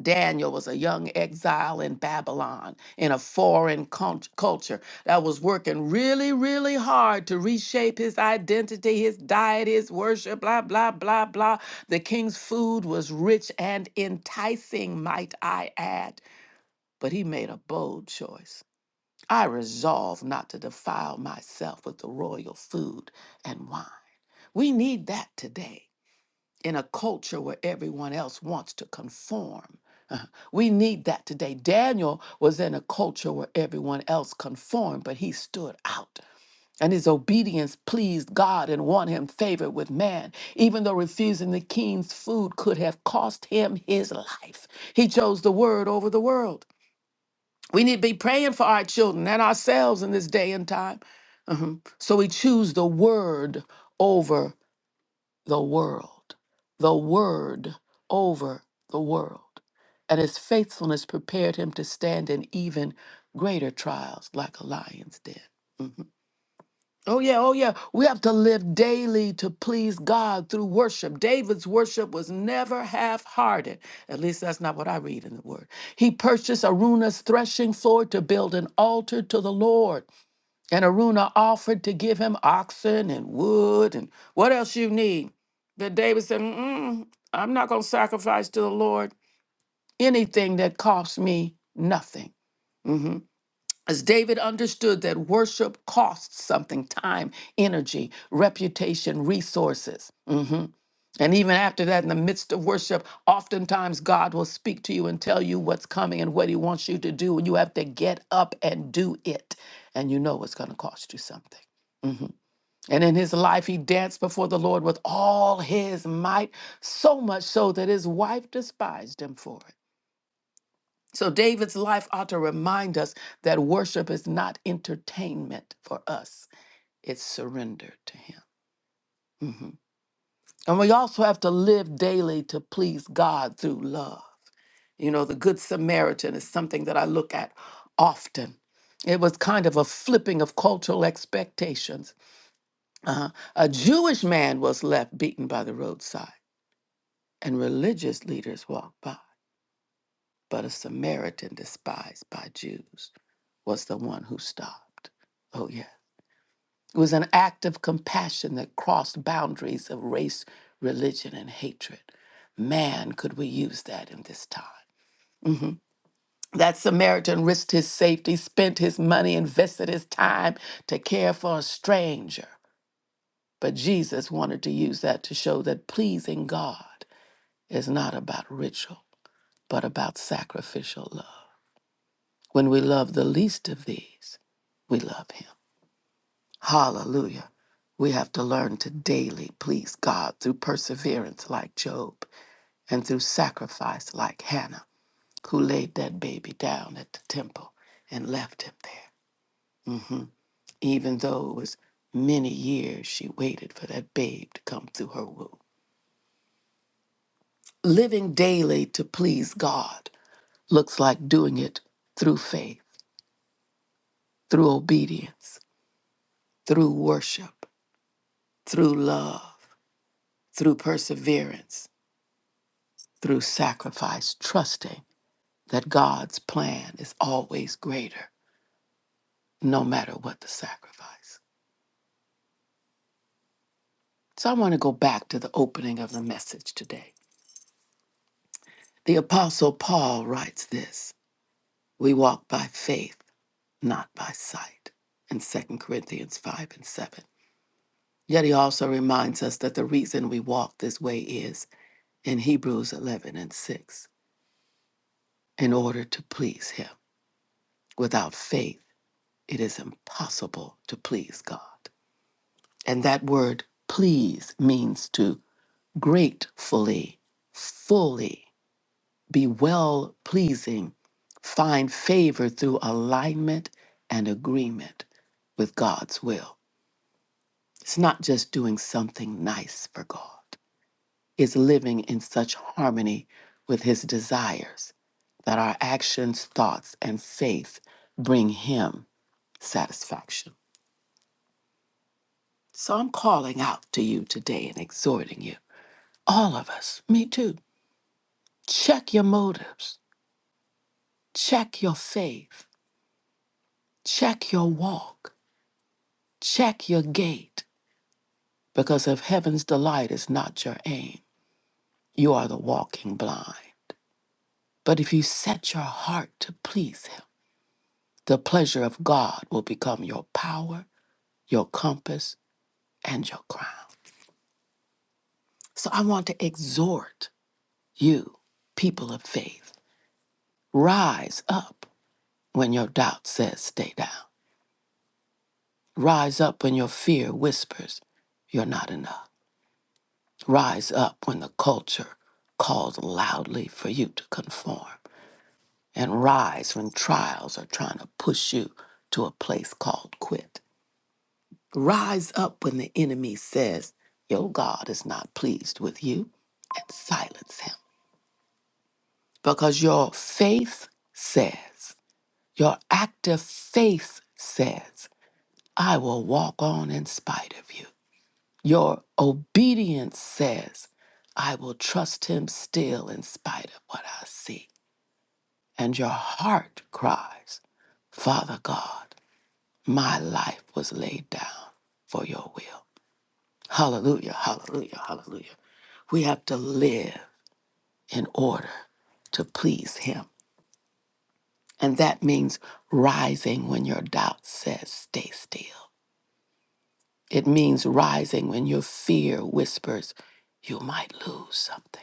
A: Daniel was a young exile in Babylon in a foreign cult- culture that was working really, really hard to reshape his identity, his diet, his worship, blah, blah, blah, blah. The king's food was rich and enticing, might I add. But he made a bold choice. I resolved not to defile myself with the royal food and wine. We need that today in a culture where everyone else wants to conform. Uh, We need that today. Daniel was in a culture where everyone else conformed, but he stood out. And his obedience pleased God and won him favor with man. Even though refusing the king's food could have cost him his life, he chose the word over the world. We need to be praying for our children and ourselves in this day and time. Mhm. So we choose the word over the world, the word over the world. And his faithfulness prepared him to stand in even greater trials like a lion's den. Oh, yeah, oh, yeah. We have to live daily to please God through worship. David's worship was never half hearted. At least that's not what I read in the word. He purchased Aruna's threshing floor to build an altar to the Lord. And Aruna offered to give him oxen and wood and what else you need. But David said, Mm-mm, I'm not going to sacrifice to the Lord anything that costs me nothing. As David understood that worship costs something time, energy, reputation, resources. Mhm. And even after that, in the midst of worship, oftentimes God will speak to you and tell you what's coming and what he wants you to do. And you have to get up and do it. And you know it's going to cost you something. And in his life, he danced before the Lord with all his might, so much so that his wife despised him for it. So, David's life ought to remind us that worship is not entertainment for us, it's surrender to him. Mhm. And we also have to live daily to please God through love. You know, the Good Samaritan is something that I look at often. It was kind of a flipping of cultural expectations Uh, a Jewish man was left beaten by the roadside, and religious leaders walked by. But a Samaritan despised by Jews was the one who stopped. Oh, yeah. It was an act of compassion that crossed boundaries of race, religion, and hatred. Man, could we use that in this time? That Samaritan risked his safety, spent his money, invested his time to care for a stranger. But Jesus wanted to use that to show that pleasing God is not about ritual, but about sacrificial love. When we love the least of these, we love Him. Hallelujah. We have to learn to daily please God through perseverance, like Job, and through sacrifice, like Hannah, who laid that baby down at the temple and left him there. Mhm. Even though it was many years she waited for that babe to come through her womb. Living daily to please God looks like doing it through faith through obedience, through worship, through love, through perseverance, through sacrifice, trusting that God's plan is always greater, no matter what the sacrifice. So I want to go back to the opening of the message today. The Apostle Paul writes this We walk by faith, not by sight, in Second Corinthians 5 and 7. Yet he also reminds us that the reason we walk this way is in Hebrews 11 and 6. in order to please Him. Without faith, it is impossible to please God. And that word please means to gratefully, fully be well pleasing, find favor through alignment and agreement with God's will. It's not just doing something nice for God, it's living in such harmony with His desires that our actions, thoughts, and faith bring Him satisfaction. So I'm calling out to you today and exhorting you, all of us, me too. Check your motives, check your faith, check your walk, check your gait, because if heaven's delight is not your aim, you are the walking blind. But if you set your heart to please Him, the pleasure of God will become your power, your compass, and your crown. So I want to exhort you, people of faith, rise up. when your doubt says stay down. Rise up when your fear whispers you're not enough. Rise up when the culture calls loudly for you to conform. And rise when trials are trying to push you to a place called quit. Rise up when the enemy says your God is not pleased with you and silence him. Because your faith says, your active faith says, I will walk on in spite of you. For obedience says, I will trust him still in spite of what I see. And your heart cries, Father God, my life was laid down for your will. Hallelujah, hallelujah, hallelujah. We have to live in order to please him. And that means rising when your doubt says, stay still. It means rising when your fear whispers, you might lose something.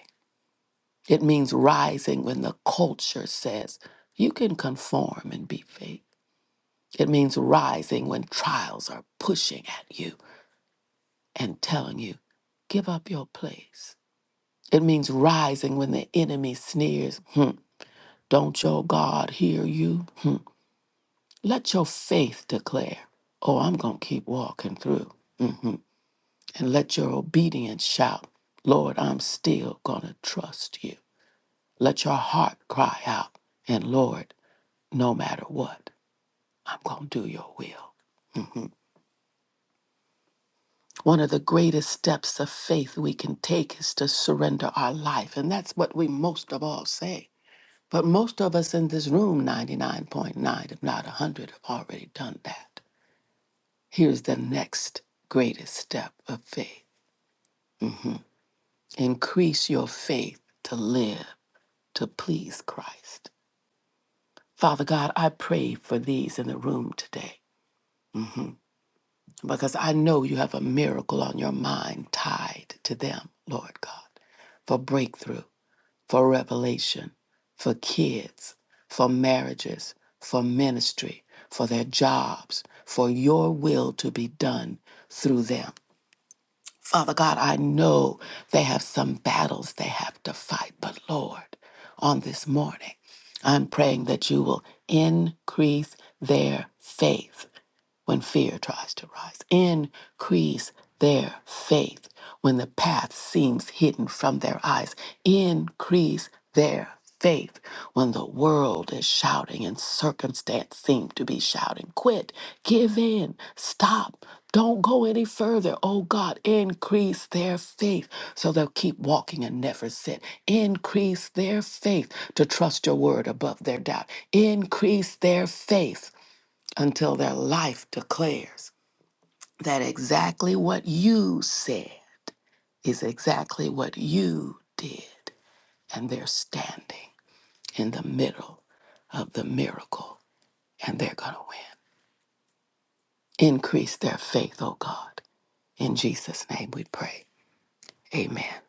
A: It means rising when the culture says you can conform and be fake. It means rising when trials are pushing at you and telling you, give up your place. It means rising when the enemy sneers, hmm, don't your God hear you? Hmm. Let your faith declare, oh, I'm going to keep walking through. And let your obedience shout, Lord, I'm still going to trust you. Let your heart cry out, and Lord, no matter what. I'm going to do your will. One of the greatest steps of faith we can take is to surrender our life. And that's what we most of all say. But most of us in this room, 99.9, if not 100, have already done that. Here's the next greatest step of faith increase your faith to live to please Christ. Father God, I pray for these in the room today because I know you have a miracle on your mind tied to them, Lord God, for breakthrough. for revelation, for kids, for marriages, for ministry, for their jobs, for your will to be done through them. Father God, I know they have some battles they have to fight, but Lord, on this morning, I'm praying that you will increase their faith when fear tries to rise. Increase their faith when the path seems hidden from their eyes. Increase their faith when the world is shouting and circumstance seem to be shouting. Quit, give in, stop. Don't go any further. Oh God, increase their faith so they'll keep walking and never sit. Increase their faith to trust your word above their doubt. Increase their faith until their life declares that exactly what you said is exactly what you did. And they're standing in the middle of the miracle and they're going to win. Increase their faith, oh God. In Jesus' name we pray. Amen.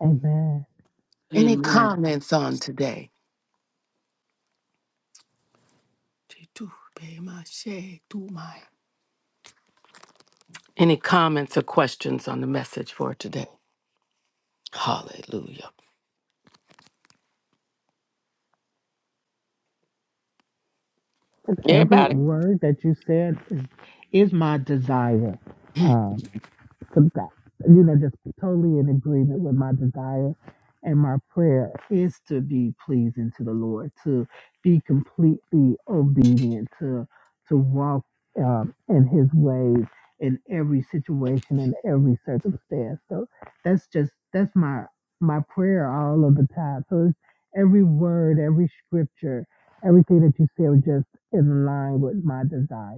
C: Amen.
A: Any
B: Amen.
A: comments on today? Any comments or questions on the message for today? Hallelujah.
C: Every
A: Everybody.
C: word that you said is, is my desire. the best. You know, just totally in agreement with my desire and my prayer is to be pleasing to the Lord, to be completely obedient, to to walk um, in His ways in every situation in every circumstance. So that's just that's my my prayer all of the time. So it's every word, every scripture, everything that you said was just in line with my desire.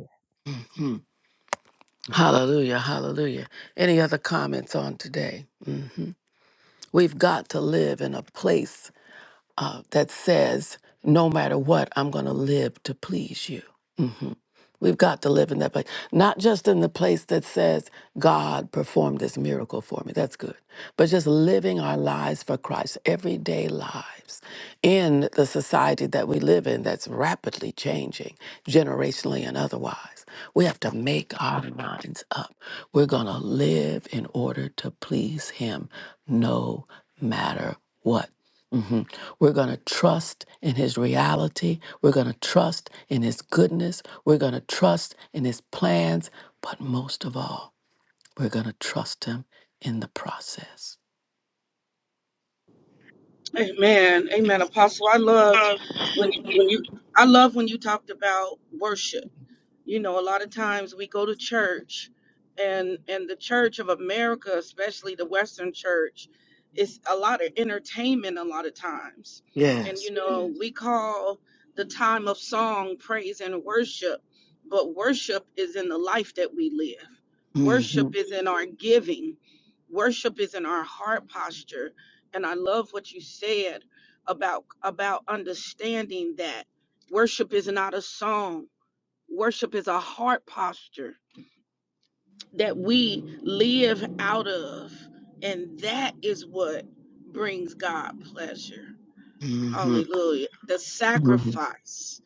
A: Hallelujah, hallelujah. Any other comments on today? We've got to live in a place that says, no matter what, I'm going to live to please you. We've got to live in that place, not just in the place that says, God performed this miracle for me. That's good. But just living our lives for Christ, everyday lives in the society that we live in that's rapidly changing, generationally and otherwise. We have to make our minds up. We're going to live in order to please Him no matter what. Mhm. We're going to trust in his reality. We're going to trust in his goodness. We're going to trust in his plans. But most of all, we're going to trust him in the process.
D: Amen. Amen. Apostle, I loved when when you I love when you talked about worship. You know, a lot of times we go to church and and the church of America, especially the western church, is a lot of entertainment a lot of times. And you know, Mhm. we call the time of song praise and worship, but worship is in the life that we live. Worship is in our giving. Worship is in our heart posture and I love what you said about about understanding that worship is not a song. Worship is a heart posture that we live out of, and that is what brings God pleasure.
A: hmm
D: Hallelujah. The
A: hmm
D: sacrifice.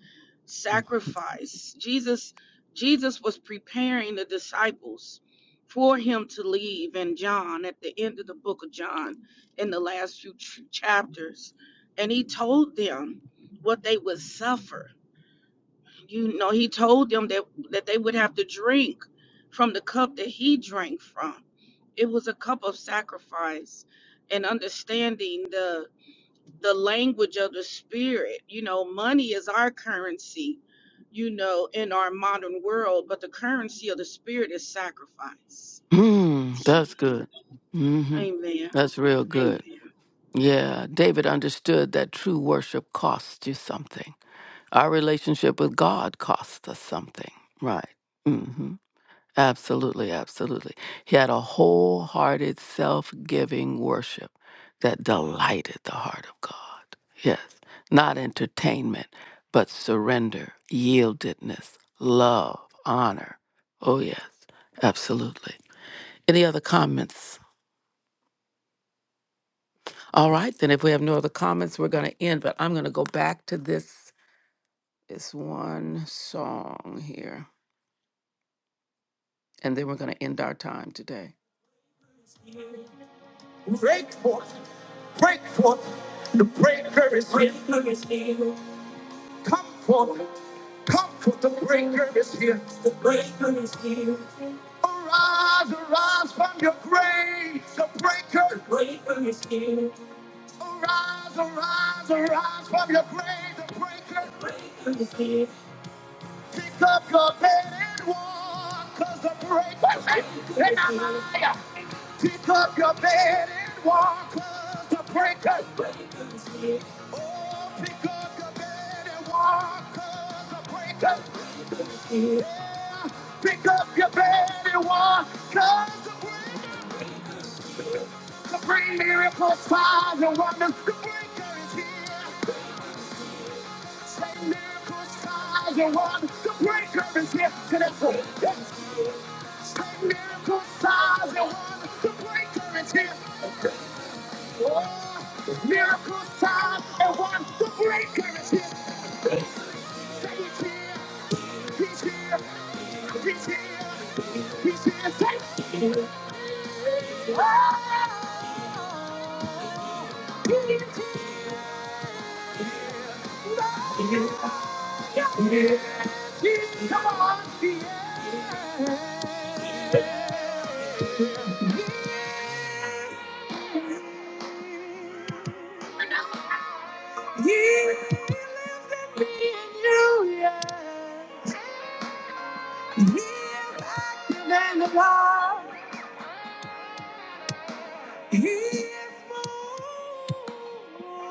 D: Sacrifice. Jesus Jesus was preparing the disciples for him to leave And John at the end of the book of John in the last few ch- chapters. And he told them what they would suffer. You know, he told them that that they would have to drink from the cup that he drank from. It was a cup of sacrifice and understanding the the language of the spirit. You know, money is our currency, you know, in our modern world, but the currency of the spirit is sacrifice.
A: Mm, that's good. hmm
D: Amen.
A: That's real good.
D: Amen.
A: Yeah, David understood that true worship costs you something. Our relationship with God costs us something, right? Absolutely, absolutely. He had a wholehearted, self giving worship that delighted the heart of God. Yes, not entertainment, but surrender, yieldedness, love, honor. Oh, yes, absolutely. Any other comments? All right, then if we have no other comments, we're going to end, but I'm going to go back to this, this one song here, and then we're going to end our time today. Come forth, Arise, arise from your grave, the breaker. Arise, arise, arise from your grave, the breaker. Pick up your bed and walk, cause the breaker. Pick up your bed and walk, cause the breaker. Oh, pick up your bed and walk, cause the breaker. Pick up your bed and walk, cause the breaker. To bring miracles, signs, and wonders, the breaker is here. Say miracles are one. The breaker is here. He's here. Say miracles are one. The breaker is here. Oh, miracles are one. The breaker is here. Say He's here. He's here. He's here. He's here. He's here. He's here. Yeah, He's here. He's here. He's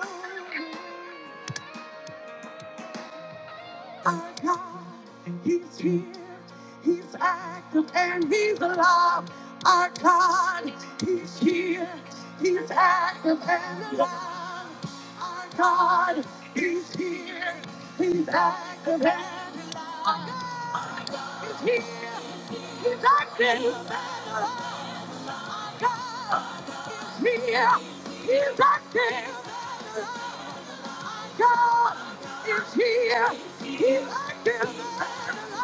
A: here. Our God, and He's here, He's active, and He's alive. Our God, He's here, He's active and alive. Our God, He's here, He's active and alive. Our God is here, He's active. God is here, He's active. God is here, He's active and alive.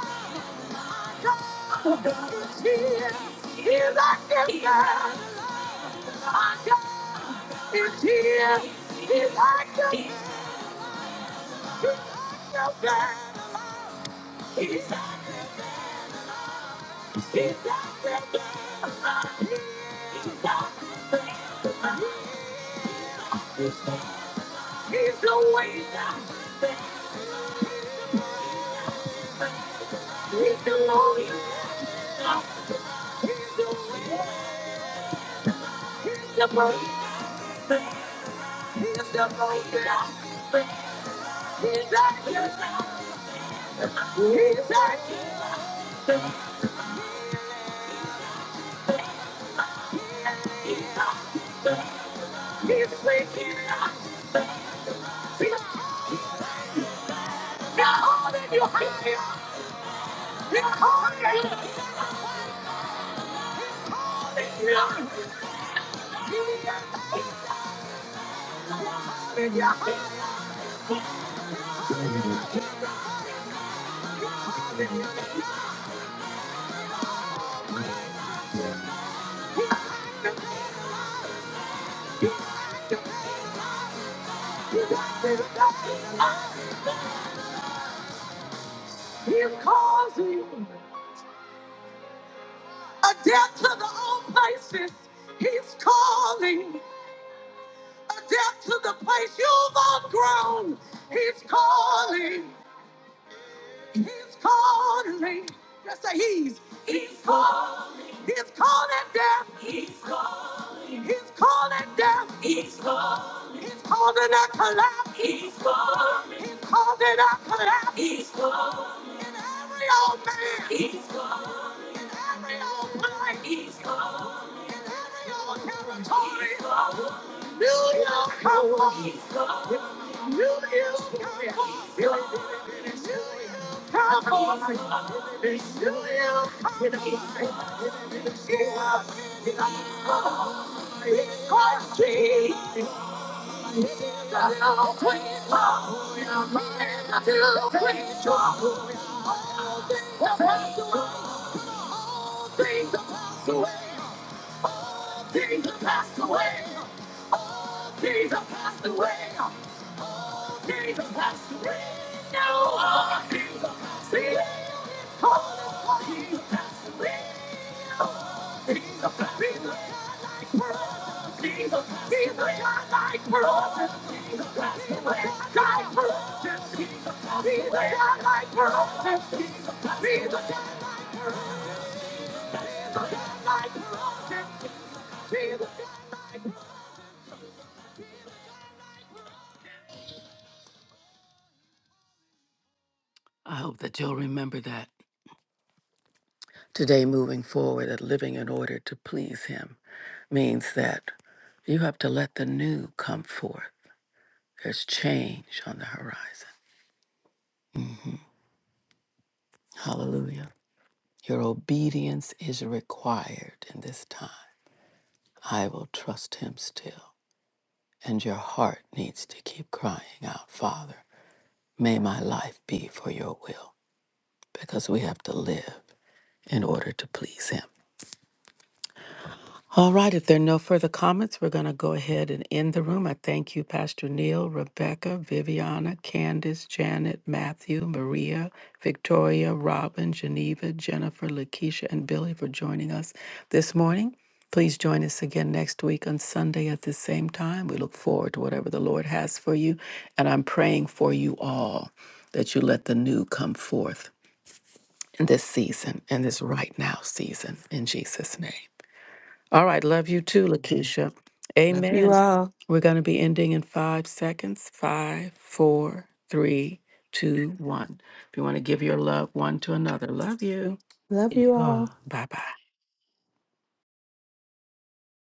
A: God is here. He's our God. Our God is here. He's our God. Our God. He's our. He's our God. He's our God. He's the way. down. He's the only way. He's the way. The way. The way. The way. He's our God. He's our God. He's waiting. He's calling a death to the old places. He's calling a death to the place you've outgrown. He's calling. He's calling. Just say he's. He's calling. He's calling death. He's calling. He's calling death. He's calling. He's calling a collapse. He's calling. He's calling a collapse. He's calling. In every old man. He's calling. every old place, He's gone. every old territory, He's gone. New York, come on. He's gone. New York, come on. He's gone. New York, come on. It's New York, come on. Jesus passed away. Jesus passed away. Jesus passed away. No, Jesus passed away. Oh, Jesus passed away. Jesus, Jesus, Jesus, Jesus, died for us. Jesus, Jesus, died for us. Jesus, Jesus, died for us. Jesus, died for us. Jesus. That going forward and living in order to please Him means that you have to let the new come forth. There's change on the horizon. Hallelujah. Your obedience is required in this time. I will trust Him still. and your heart needs to keep crying out, Father, may my life be for your will, because we have to live in order to please Him. All right, if there are no further comments, we're going to go ahead and end the room. I thank you, Pastor Neil, Rebecca, Viviana, Candace, Janet, Matthew, Maria, Victoria, Robin, Geneva, Jennifer, Lakeisha, and Billy for joining us this morning. Please join us again next week on Sunday at the same time. We look forward to whatever the Lord has for you, and I'm praying for you all that you let the new come forth in this season, in this right now season, in Jesus' name. All right. Love you too, Lakeisha.
B: Love you
A: Amen.
B: all.
A: We're going to be ending in five seconds. Five, four, three, two, one. If you want to give your love one to another, love you.
B: Love you all.
A: Bye bye.